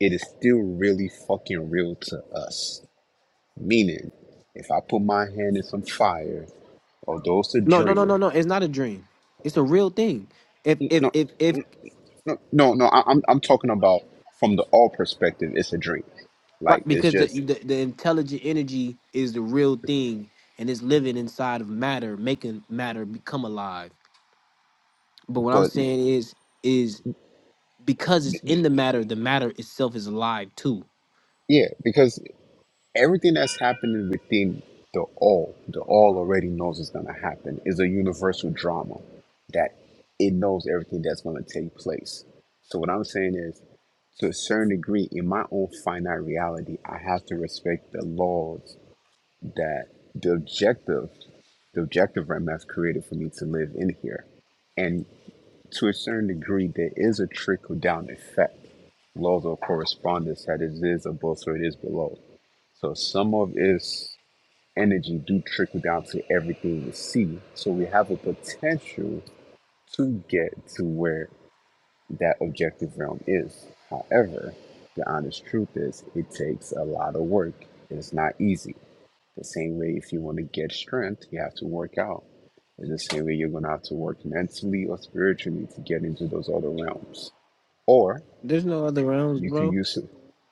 [SPEAKER 3] it is still really fucking real to us. Meaning, if I put my hand in some fire, although it's a
[SPEAKER 1] No, no, no,
[SPEAKER 3] dream,
[SPEAKER 1] no, no. It's not a dream. It's a real thing. If if
[SPEAKER 3] no.
[SPEAKER 1] if if
[SPEAKER 3] No, no, no. I, I'm I'm talking about from the all perspective. It's a dream.
[SPEAKER 1] right,
[SPEAKER 3] Like it's
[SPEAKER 1] because the,
[SPEAKER 3] just,
[SPEAKER 1] the the intelligent energy is the real thing, and it's living inside of matter, making matter become alive. But what I'm
[SPEAKER 3] but
[SPEAKER 1] saying is is because it's in the matter, the matter itself is alive too.
[SPEAKER 3] yeah, because everything that's happening within the all, the all already knows is gonna happen. Is a universal drama that it knows everything that's gonna take place. So what I'm saying is, to a certain degree, in my own finite reality, I have to respect the laws that the objective, the objective realm has created for me to live in here. and. to a certain degree, there is a trickle down effect, laws of correspondence that it is above, so it is below. So some of its energy do trickle down to everything we see. So we have a potential to get to where that objective realm is. However, the honest truth is it takes a lot of work. It's not easy. The same way if you want to get strength, you have to work out. It's the same way you're gonna have to work mentally or spiritually to get into those other realms or
[SPEAKER 1] There's no other realms,
[SPEAKER 3] you could
[SPEAKER 1] bro.
[SPEAKER 3] use it,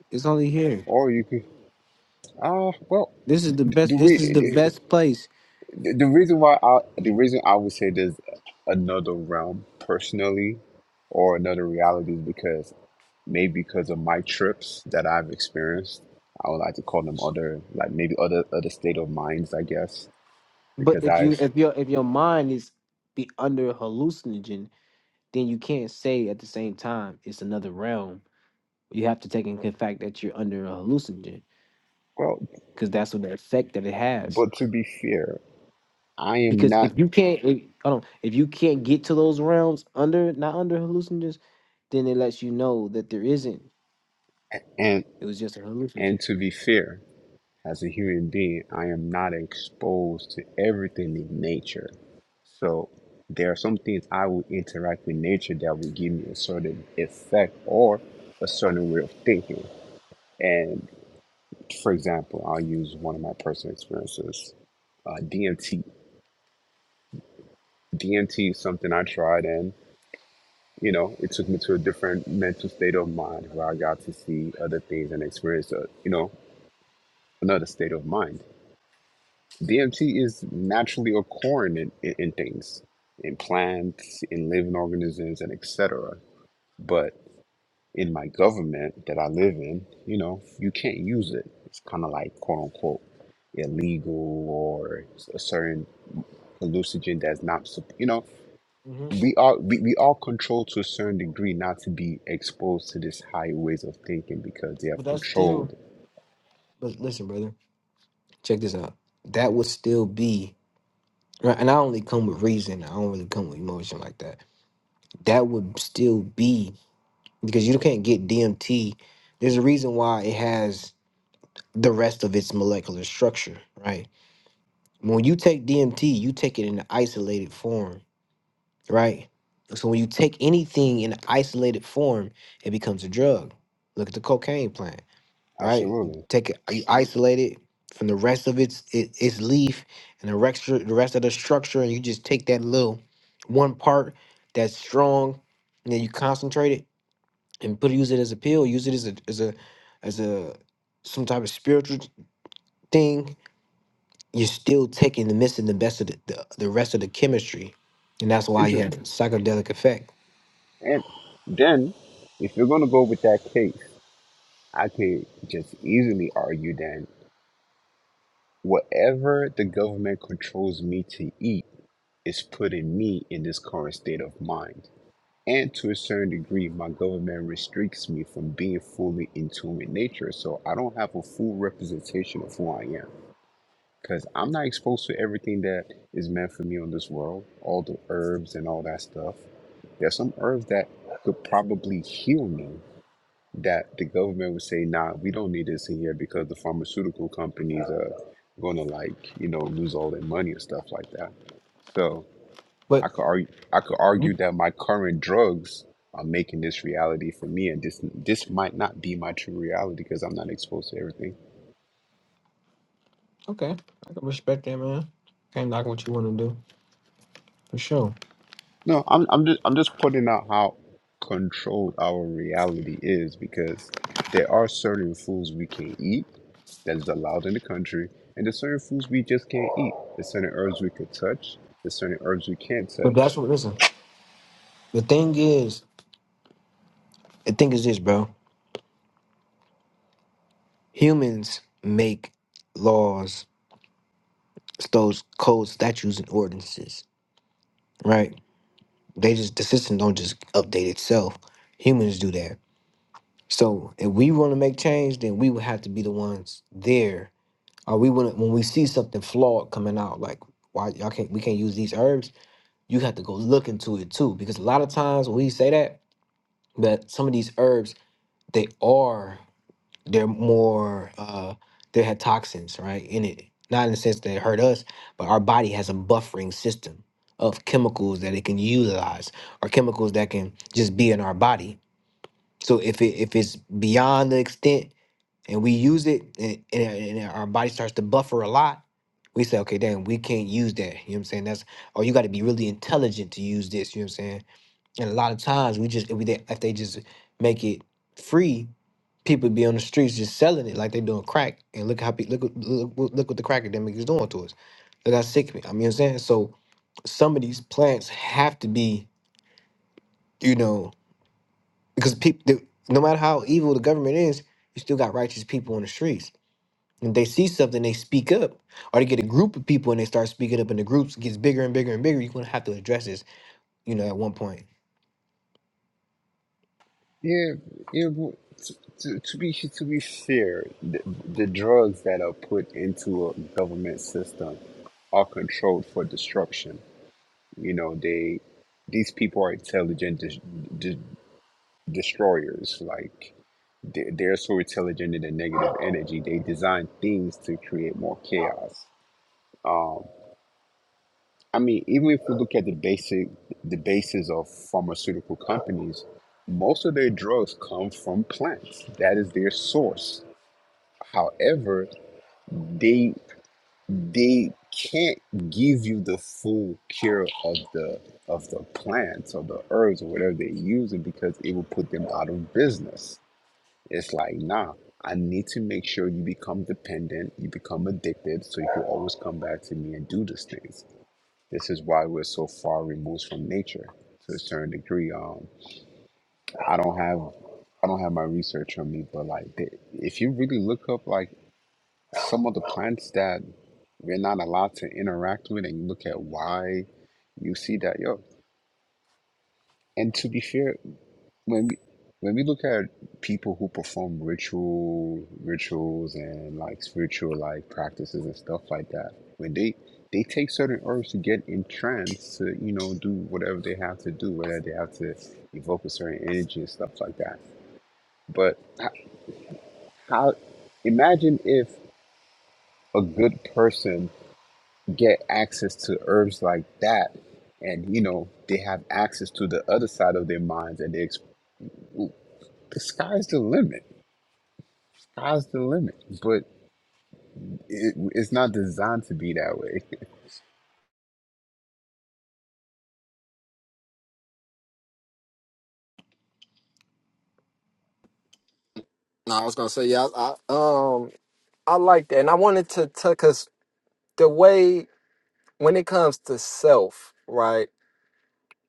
[SPEAKER 1] It's only here.
[SPEAKER 3] or you could ah well
[SPEAKER 1] This is the best.
[SPEAKER 3] the
[SPEAKER 1] This is the
[SPEAKER 3] re-
[SPEAKER 1] best place.
[SPEAKER 3] the, the reason why I the reason I would say there's another realm personally or another reality is because maybe because of my trips that I've experienced I would like to call them other like maybe other other state of minds I guess
[SPEAKER 1] But
[SPEAKER 3] because
[SPEAKER 1] if
[SPEAKER 3] I
[SPEAKER 1] you if your if your mind is be under hallucinogen, then you can't say at the same time it's another realm. You have to take in the fact that you're under a hallucinogen
[SPEAKER 3] well
[SPEAKER 1] because that's what the effect that it has.
[SPEAKER 3] but to be fair I am
[SPEAKER 1] Because
[SPEAKER 3] not
[SPEAKER 1] if you can't, if, hold on, if you can't get to those realms under not under hallucinogens, then it lets you know that there isn't.
[SPEAKER 3] and
[SPEAKER 1] It was just a hallucinogen.
[SPEAKER 3] and to be fair As a human being, I am not exposed to everything in nature. So there are some things I will interact with nature that will give me a certain effect or a certain way of thinking. And for example, I'll use one of my personal experiences. Uh, DMT. DMT is something I tried, and you know, it took me to a different mental state of mind where I got to see other things and experience, a, you know, another state of mind. DMT is naturally occurring in, in, in things, in plants, in living organisms, and etc. But in my government that I live in, you know, you can't use it. It's kind of like quote unquote illegal or a certain hallucinogen that's not, sup- you know,
[SPEAKER 1] hmm
[SPEAKER 3] we are we, we are controlled to a certain degree not to be exposed to these high ways of thinking because they
[SPEAKER 1] But
[SPEAKER 3] have
[SPEAKER 1] that's still.
[SPEAKER 3] controlled.
[SPEAKER 1] But listen, brother, check this out. That would still be right, and I only come with reason. I don't really come with emotion like that. That would still be because you can't get DMT. There's a reason why it has the rest of its molecular structure, right? When you take DMT, you take it in an isolated form, right? So when you take anything in an isolated form, it becomes a drug. Look at the cocaine plant, right? You
[SPEAKER 3] Absolutely.
[SPEAKER 1] Take it, you isolate it from the rest of its it, its leaf and the rest the rest of the structure, and you just take that little one part that's strong, and then you concentrate it and put use it as a pill, use it as a as a as a some type of spiritual thing, you're still taking the missing the best of the, the, the rest of the chemistry. And that's why you have
[SPEAKER 3] Interesting.
[SPEAKER 1] a psychedelic effect.
[SPEAKER 3] And then if you're gonna go with that case I could just easily argue that whatever the government controls me to eat is putting me in this current state of mind. And to a certain degree, my government restricts me from being fully in tune with nature. So I don't have a full representation of who I am. Because I'm not exposed to everything that is meant for me on this world, all the herbs and all that stuff. There's some herbs that could probably heal me, that the government would say, nah, we don't need this in here because the pharmaceutical companies are going to like, you know, lose all their money and stuff like that. So I
[SPEAKER 1] But
[SPEAKER 3] could argue, I could
[SPEAKER 1] Mhm.
[SPEAKER 3] argue that my current drugs are making this reality for me, and this this might not be my true reality because I'm not exposed to everything.
[SPEAKER 1] okay, I can respect that man. Can't knock what you want to do for sure.
[SPEAKER 3] No, I'm I'm just I'm just pointing out how controlled our reality is because there are certain foods we can eat that is allowed in the country, and there's certain foods we just can't eat. There's certain herbs we could touch. There's certain herbs we can't
[SPEAKER 1] But
[SPEAKER 3] touch.
[SPEAKER 1] that's what listen. The thing is, the thing is this, bro. Humans make laws, those codes, statutes, and ordinances, right? They just the system don't just update itself. Humans do that So if we want to make change, then we would have to be the ones there. Or we want when we see something flawed coming out, like why y'all can't we can't use these herbs. You have to go look into it too, because a lot of times when we say that that some of these herbs they are they're more uh they had toxins right in it. Not in the sense that it hurt us, but our body has a buffering system of chemicals that it can utilize or chemicals that can just be in our body. So if it if it's beyond the extent and we use it and, and, and our body starts to buffer a lot we say okay damn we can't use that you know what i'm saying that's oh you got to be really intelligent to use this you know what i'm saying and a lot of times we just if, we, they- if they just make it free people be on the streets just selling it like they doing crack and look how pe- look what- look, what- look what the crack epidemic is doing to us look how sick we- i mean you know what i'm saying so some of these plants have to be you know because people no matter how evil the government is you still got righteous people on the streets and they see something, they speak up, or they get a group of people and they start speaking up, and the groups gets bigger and bigger and bigger. You're gonna have to address this, you know, at one point.
[SPEAKER 3] Yeah, yeah. w- To, to, to be to be fair, the, the drugs that are put into a government system are controlled for destruction. You know, they these people are intelligent de- destroyers. Like they- they're so intelligent in the negative energy. They design things to create more chaos. Um, I mean, even if we look at the basic, the basis of pharmaceutical companies, most of their drugs come from plants. That is their source. However, they they can't give you the full cure of the of the plants or the herbs or whatever they're using because it will put them out of business It's like, nah, I need to make sure you become dependent, you become addicted, so you can always come back to me and do these things. This is why we're so far removed from nature to a certain degree. Um, I don't have, I don't have my research on me, but like, the- if you really look up like some of the plants that we're not allowed to interact with, and look at why, you see that yo. And to be fair, when we when we look at people who perform ritual rituals and like spiritual like practices and stuff like that, when they they take certain herbs to get in trance to you know do whatever they have to do, whether they have to evoke a certain energy and stuff like that. But h- how imagine if a good person get access to herbs like that, and you know they have access to the other side of their minds, and they exp- the sky's the limit Sky's the limit, but it, it's not designed to be that way.
[SPEAKER 2] No, I was gonna say yeah. I, I um I like that, and I wanted to because the way when it comes to self, right?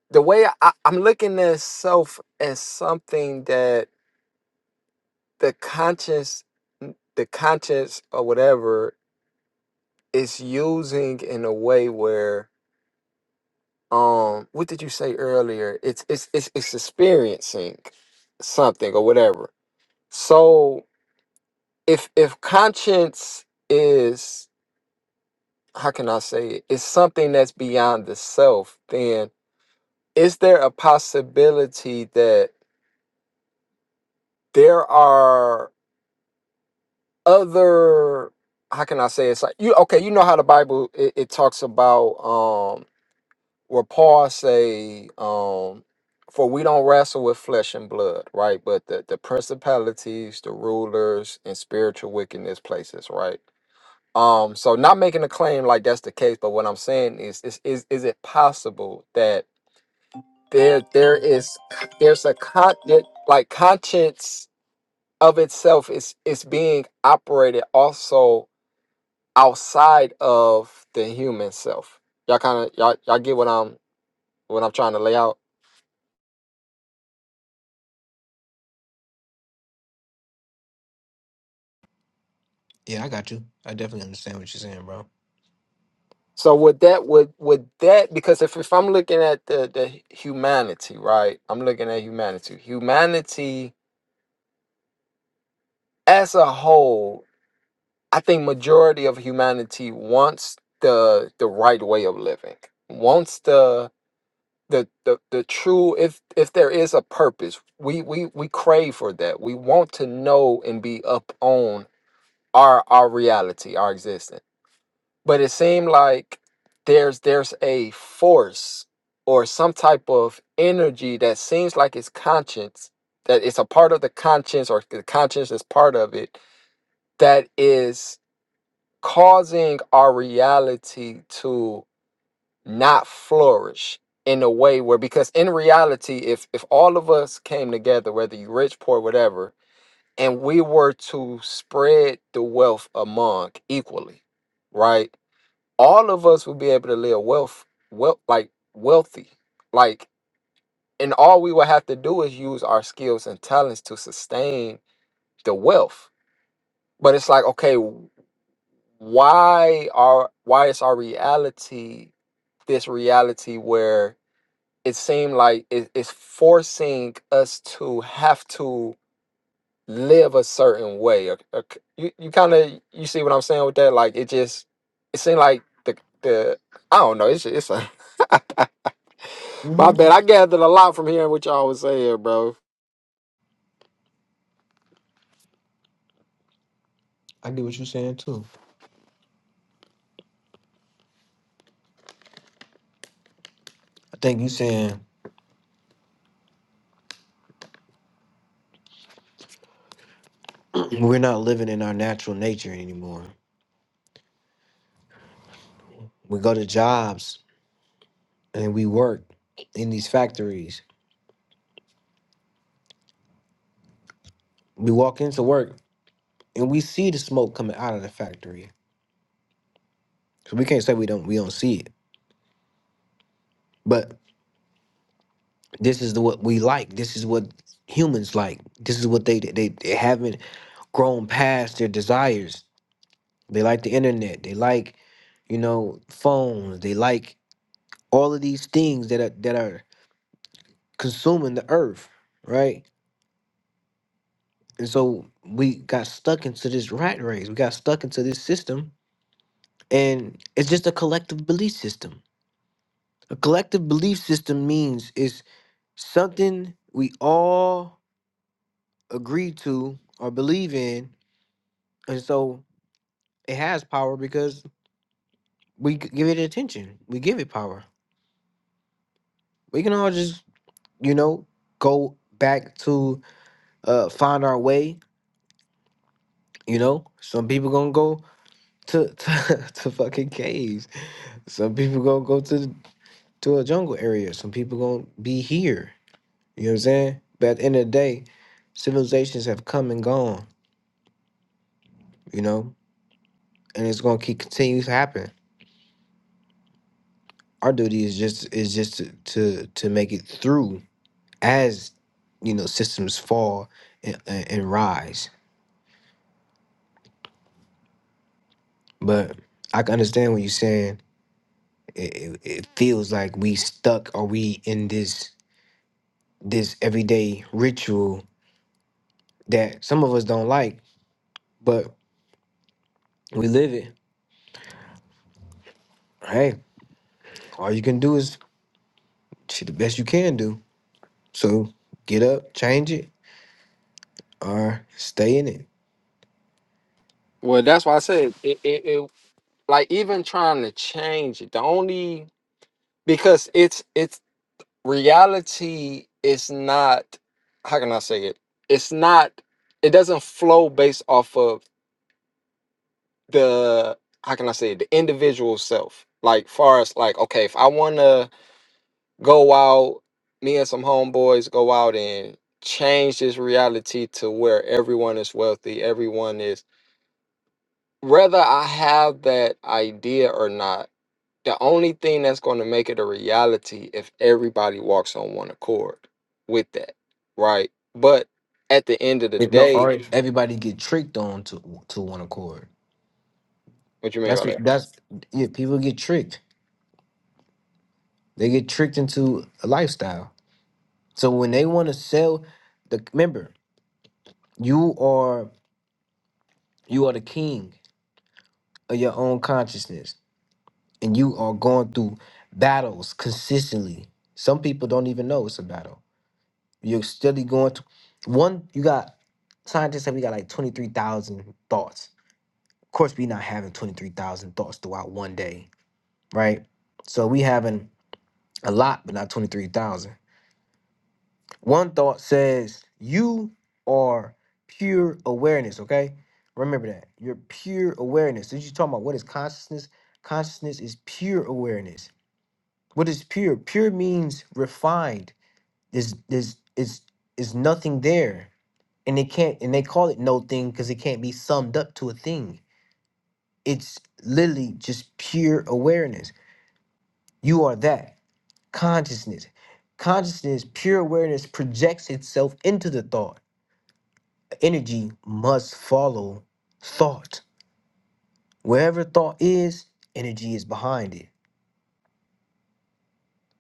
[SPEAKER 2] the way I, I'm looking at self as something that the conscience, the conscience or whatever, is using in a way where, um, what did you say earlier? It's it's it's, it's experiencing something or whatever. So if if conscience is how can I say it? It's something that's beyond the self. Then is there a possibility that there are other how can I say it's like you okay, you know how the Bible it, it talks about um where Paul say um for we don't wrestle with flesh and blood, right? But the, the principalities, the rulers, and spiritual wickedness places, right? Um, so not making a claim like that's the case, but what I'm saying is is is, is it possible that there there is there's a con that like conscience of itself is is being operated also outside of the human self. Y'all kind of y'all y'all get what I'm what I'm trying to lay out.
[SPEAKER 1] Yeah, I got you. I definitely understand what you're saying, bro.
[SPEAKER 2] So with that with with that because if if I'm looking at the the humanity, right? I'm looking at humanity. Humanity as a whole, I think majority of humanity wants the the right way of living. Wants the the, the, the true if if there is a purpose we, we we crave for that we want to know and be up on. our our reality, our existence. But it seemed like there's there's a force or some type of energy that seems like it's conscience, that it's a part of the conscience or the conscience is part of it that is causing our reality to not flourish in a way where because in reality if if all of us came together whether you rich poor whatever and we were to spread the wealth among equally, right? All of us would be able to live wealth, wealth like wealthy, like, and all we would have to do is use our skills and talents to sustain the wealth. But it's like, okay, why are why is our reality this reality where it seemed like it, it's forcing us to have to live a certain way. Or, or c- you you kind of you see what I'm saying with that? Like it just it seemed like the the I don't know. It's it's a my
[SPEAKER 1] hmm
[SPEAKER 2] bad. I gathered a lot from hearing what y'all was saying, bro.
[SPEAKER 1] I get what you're saying too. I think you are saying we're not living in our natural nature anymore. We go to jobs and we work in these factories. We walk into work and we see the smoke coming out of the factory. So we can't say we don't we don't see it, but This is the, what we like. This is what humans like. This is what they, they they haven't grown past their desires. They like the internet. They like, you know, phones. They like all of these things that are that are consuming the earth, right? And so we got stuck into this rat race. We got stuck into this system, and it's just a collective belief system. A collective belief system means it's something we all agree to or believe in, and so it has power because we g- give it attention. We give it power. We can all just, you know, go back to uh find our way. You know, some people gonna go to to, to fucking caves. Some people gonna go to to a jungle area. Some people gonna be here. You know what I'm saying? But at the end of the day, civilizations have come and gone. You know, and it's gonna keep continue to happen. Our duty is just is just to to, to make it through as you know systems fall and, and, and rise but i can understand what you're saying it, it, it feels like we stuck or we in this this everyday ritual that some of us don't like but we live it hey all you can do is shit, the best you can do so get up change it or stay in it
[SPEAKER 2] Well, that's why I said it. It, it like even trying to change it. The only because it's it's reality. is not. How can I say it? It's not. It doesn't flow based off of the how can I say it, the individual self. Like far as like, okay, if I wanna go out, me and some homeboys go out and change this reality to where everyone is wealthy, everyone is whether I have that idea or not, the only thing that's gonna make it a reality if everybody walks on one accord with that. Right. But at the end of the
[SPEAKER 1] if no
[SPEAKER 2] day,
[SPEAKER 1] or everybody get tricked on to to one accord
[SPEAKER 2] what you mean
[SPEAKER 1] that's
[SPEAKER 2] by
[SPEAKER 1] what
[SPEAKER 2] that?
[SPEAKER 1] that's yeah people get tricked they get tricked into a lifestyle So when they want to sell the remember, you are you are the king of your own consciousness and you are going through battles consistently. Some people don't even know it's a battle. You're steadily going to one, you got scientists say we got like 23,000 thoughts. Of course, we not having 23,000 thoughts throughout one day, right? So we having a lot, but not 23,000. One thought says, You are pure awareness, okay? Remember that. You're pure awareness. Since you're talking about what is consciousness, consciousness is pure awareness. What is pure? Pure means refined. There's there's is is nothing there. And they can't and they call it no thing because it can't be summed up to a thing. It's literally just pure awareness. You are that. Consciousness. Consciousness, pure awareness projects itself into the thought. energy must follow thought. Wherever thought is, energy is behind it.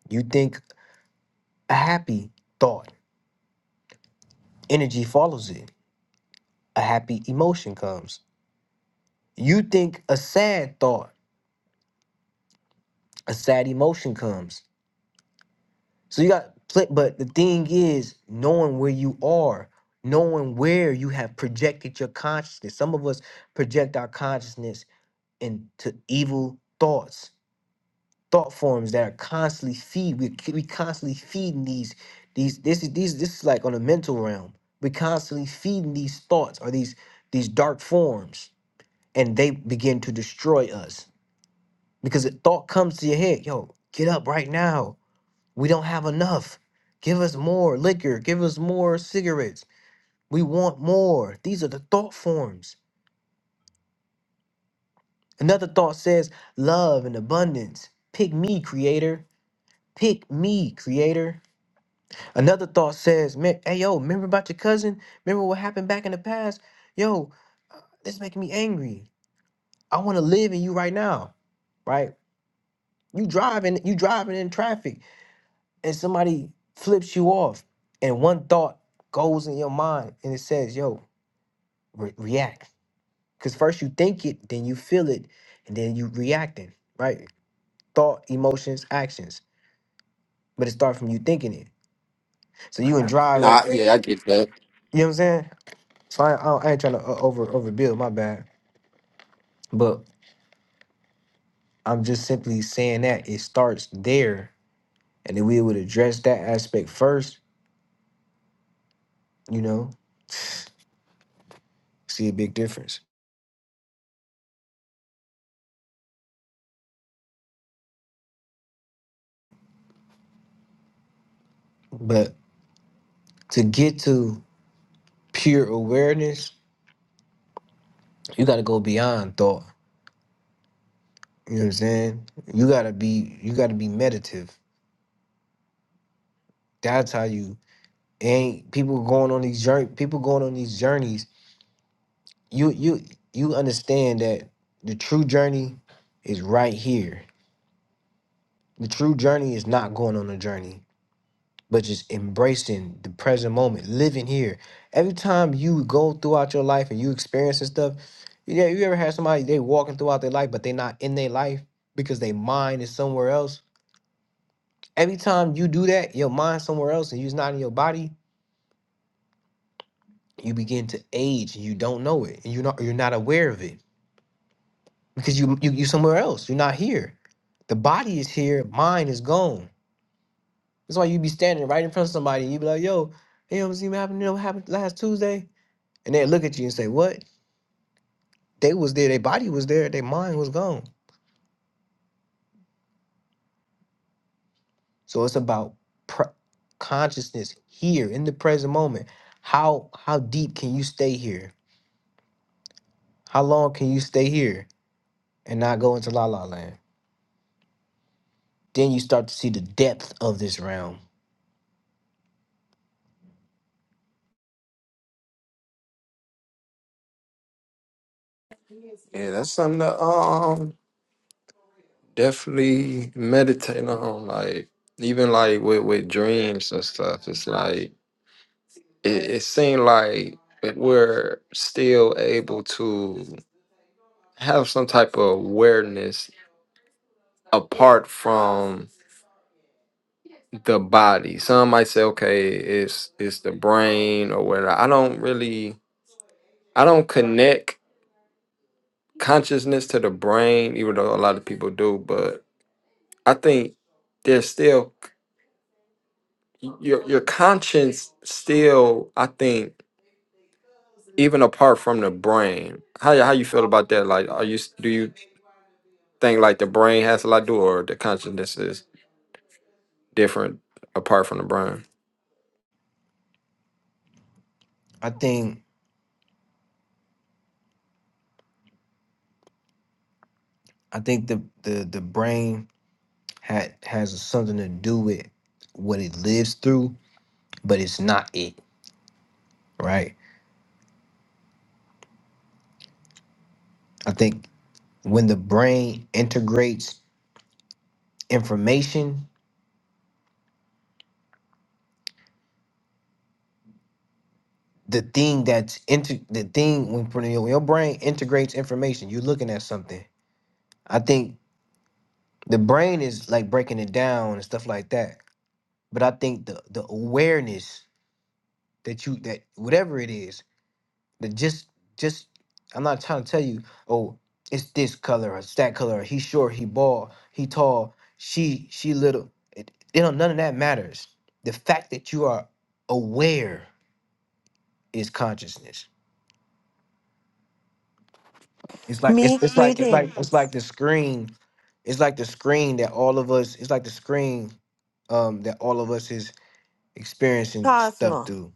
[SPEAKER 1] You think a happy thought, energy follows it. A happy emotion comes. You think a sad thought, a sad emotion comes. So you got, pl- but the thing is, knowing where you are, knowing where you have projected your consciousness. Some of us project our consciousness into evil thoughts thought forms that are constantly feed we we constantly feeding these these this is these this is like on a mental realm we constantly feeding these thoughts or these these dark forms and they begin to destroy us because a thought comes to your head yo get up right now we don't have enough give us more liquor give us more cigarettes we want more these are the thought forms another thought says love and abundance pick me creator pick me creator Another thought says, "Me- hey, yo, remember about your cousin? Remember what happened back in the past? Yo, this is making me angry. I want to live in you right now, right? You driving, you driving in traffic and somebody flips you off. And one thought goes in your mind and it says, yo, re- react. Because first you think it, then you feel it, and then you reacting, right? Thought, emotions, actions. But it starts from you thinking it. So you and drive,
[SPEAKER 2] Nah,
[SPEAKER 1] like, you
[SPEAKER 2] yeah, I get that.
[SPEAKER 1] know what I'm saying? So I, I, I ain't trying to uh, over overbuild, my bad. But I'm just simply saying that it starts there. And then we would address that aspect first, you know, see a big difference. But to get to pure awareness, you gotta go beyond thought. You know what I'm saying? You gotta be you gotta be meditative. That's how you ain't people going on these journey people going on these journeys. You you you understand that the true journey is right here. The true journey is not going on a journey but just embracing the present moment, living here. Every time you go throughout your life and you experience this stuff, yeah, you ever had somebody they walking throughout their life, but they not in their life because their mind is somewhere else. Every time you do that, your mind somewhere else and you're not in your body, you begin to age and you don't know it. And you're not you're not aware of it. Because you you you somewhere else. You're not here. The body is here, mind is gone. That's why you be standing right in front of somebody and you be like, yo, you know what happened, you know what happened last Tuesday? And they look at you and say, "What? They was there. Their body was there. Their mind was gone." So it's about pr- consciousness here in the present moment. How how deep can you stay here? How long can you stay here and not go into la la land? Then you start to see the depth of this realm.
[SPEAKER 2] Yeah, that's something to um definitely meditating on like even like with with dreams and stuff it's like it, it seemed like that we're still able to have some type of awareness apart from the body some might say okay it's it's the brain or whatever i don't really i don't connect consciousness to the brain even though a lot of people do but i think there's still your your conscience still i think even apart from the brain how you- how you feel about that like are you s- do you think like the brain has a lot to do or the consciousness is different apart from the brain
[SPEAKER 1] I think I think the the the brain had has something to do with what it lives through, but it's not it, right? I think when the brain integrates information the thing that's inter the thing when, when your, when your brain integrates information, you're looking at something. I think the brain is like breaking it down and stuff like that. But I think the the awareness that you that whatever it is, that just just I'm not trying to tell you, oh, it's this color or it's that color, or he short, he bald, he tall, she she little. It, you know, none of that matters. The fact that you are aware is consciousness It's like it's
[SPEAKER 4] Me
[SPEAKER 1] it's like it's like
[SPEAKER 4] greeting,
[SPEAKER 1] it's like the screen. It's like the screen that all of us. It's like the screen um that all of us is experiencing stuff
[SPEAKER 4] Cosmo.
[SPEAKER 1] through.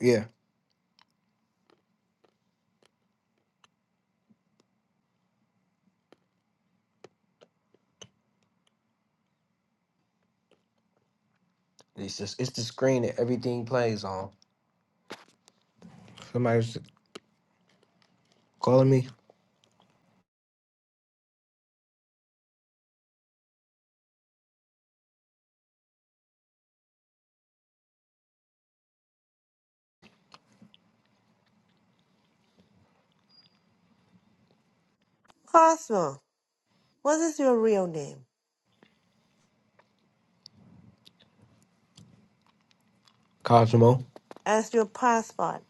[SPEAKER 1] Yeah, it's just it's the screen that everything plays on. Somebody's calling me
[SPEAKER 4] Cosmo, what is your real name?
[SPEAKER 1] Cosmo.
[SPEAKER 4] As your passport.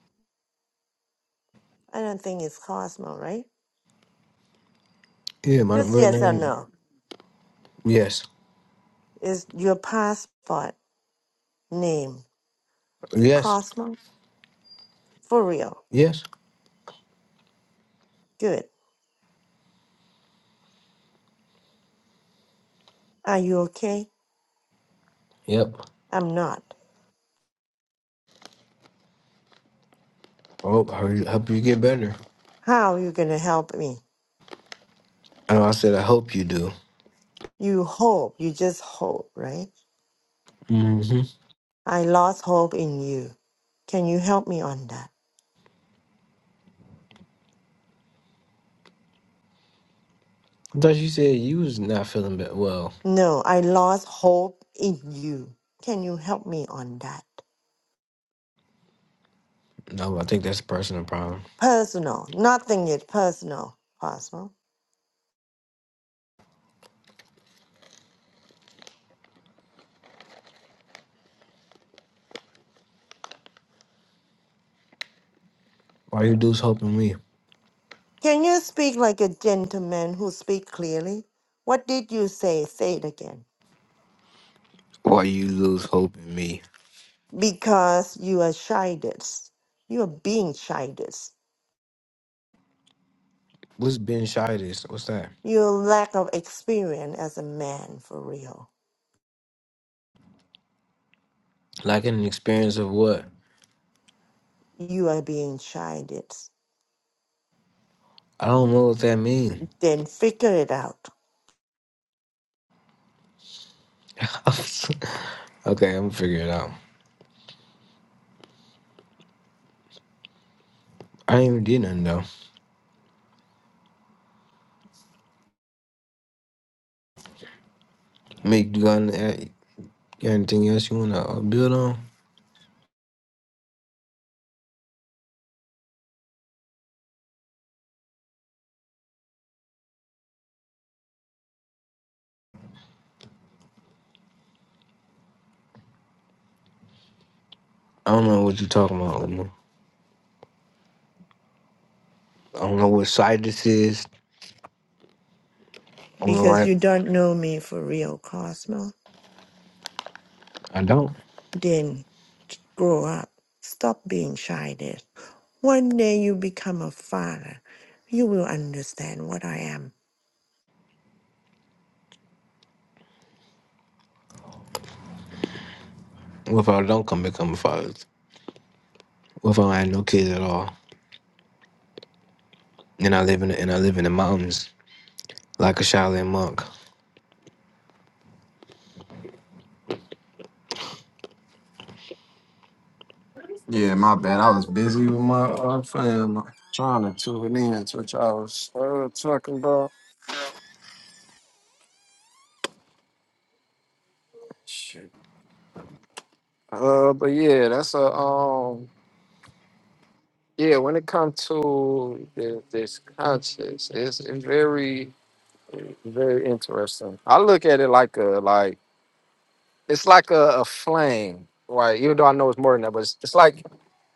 [SPEAKER 4] I don't think it's Cosmo, right?
[SPEAKER 1] Yeah, my
[SPEAKER 4] Just
[SPEAKER 1] real
[SPEAKER 4] yes or
[SPEAKER 1] name.
[SPEAKER 4] no.
[SPEAKER 1] Yes,
[SPEAKER 4] Is your passport name
[SPEAKER 1] yes,
[SPEAKER 4] Cosmo? For real.
[SPEAKER 1] yes.
[SPEAKER 4] Good. Are you okay?
[SPEAKER 1] Yep.
[SPEAKER 4] I'm not.
[SPEAKER 1] Oh, I hope I hope you get better.
[SPEAKER 4] How are you gonna help me?
[SPEAKER 1] Oh, I said I hope you do.
[SPEAKER 4] You hope, you just hope, right?
[SPEAKER 1] Mm-hmm.
[SPEAKER 4] I lost hope in you. Can you help me on that?
[SPEAKER 1] I thought you said you was not feeling be- well.
[SPEAKER 4] No, I lost hope in you. Can you help me on that?
[SPEAKER 1] No, I think that's a personal problem.
[SPEAKER 4] personal. Nothing is personal, Apostle.
[SPEAKER 1] Why you dudes helping me?
[SPEAKER 4] Can you speak like a gentleman who speak clearly? What did you say? Say it again.
[SPEAKER 1] Why you lose hope in me?
[SPEAKER 4] Because you are chided. You are being chided.
[SPEAKER 1] What's benchitis? What's that?
[SPEAKER 4] Your lack of experience as a man, for real.
[SPEAKER 1] Lacking an experience of what?
[SPEAKER 4] You are being chided.
[SPEAKER 1] I don't know what that means.
[SPEAKER 4] Then figure it out.
[SPEAKER 1] okay, I'm gonna figure it out. I ain't even did nothing though. Make you got any- got anything else you wanna uh, build on? I don't know what you're talking about. Luma. I don't know what side this is. I don't know
[SPEAKER 4] Because
[SPEAKER 1] why
[SPEAKER 4] you don't know me for real, Cosmo.
[SPEAKER 1] I don't.
[SPEAKER 4] Then grow up. Stop being shy there. One day you become a father, you will understand what I am.
[SPEAKER 1] What if I don't come become a father? What if I don't have no kids at all? And I live in the, and I live in the mountains like a Shaolin monk.
[SPEAKER 2] Yeah, my bad. I was busy with my uh, fam, trying to tune in to what y'all was uh, talking about. Shit. Uh, but yeah, that's a um, yeah. When it comes to the, this conscious, it's, it's very. Very interesting. I look at it like a like it's like a, a flame, right? Even though I know it's more than that, but it's, it's like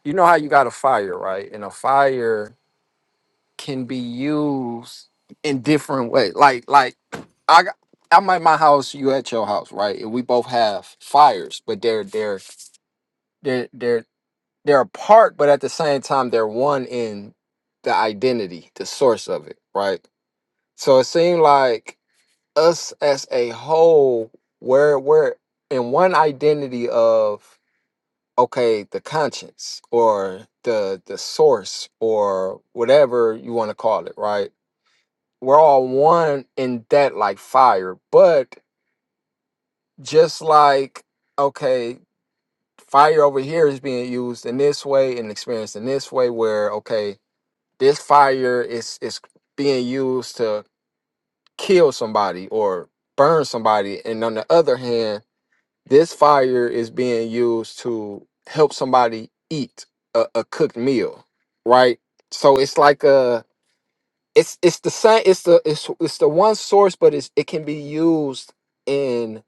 [SPEAKER 2] you know how you got a fire, right? And a fire can be used in different ways. Like like I got- I'm at my house, you at your house, right? And we both have fires, but they're they're they're they're they're apart, but at the same time they're one in the identity, the source of it, right? So it seemed like us as a whole, we're we're in one identity of okay, the conscience or the the source or whatever you want to call it, right? We're all one in that like fire, but just like okay, fire over here is being used in this way and experienced in this way, where okay, this fire is is being used to kill somebody or burn somebody, and on the other hand This fire is being used to help somebody eat a, a cooked meal, right? So it's like a it's it's the same it's the it's it's the one source, but it's it can be used in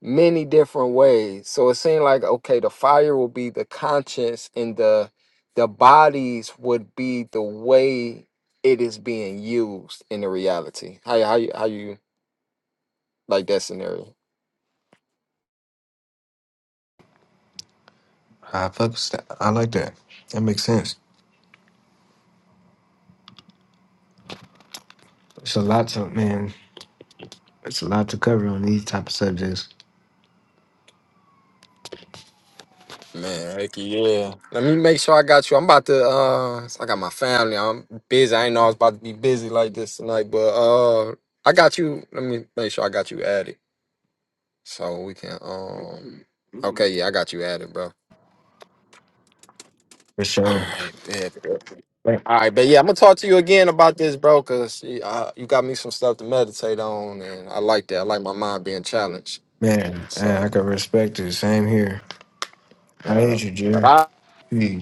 [SPEAKER 2] many different ways. So it seemed like okay, the fire will be the conscience and the the bodies would be the way it is being used in the reality. How you- how you how you like that scenario?
[SPEAKER 1] I fuck with that. I like that. That makes sense. It's a lot to man. It's a lot to cover on these type of subjects
[SPEAKER 2] Man, heck yeah. Let me make sure I got you. I'm about to uh I got my family. I'm busy. I ain't know I was about to be busy like this tonight, but uh I got you. Let me make sure I got you added. So we can um Okay, yeah, I got you added, bro.
[SPEAKER 1] for
[SPEAKER 2] All
[SPEAKER 1] sure.
[SPEAKER 2] right, bet.
[SPEAKER 1] Man,
[SPEAKER 2] All right, but yeah, I'm gonna talk to you again about this, bro, cause you, uh, you got me some stuff to meditate on, and I like that. I like my mind being challenged.
[SPEAKER 1] man
[SPEAKER 2] So
[SPEAKER 1] I can respect it. Same here. I
[SPEAKER 2] Yeah.
[SPEAKER 1] hate you,
[SPEAKER 2] But
[SPEAKER 1] Jim.
[SPEAKER 2] I,
[SPEAKER 1] Hey,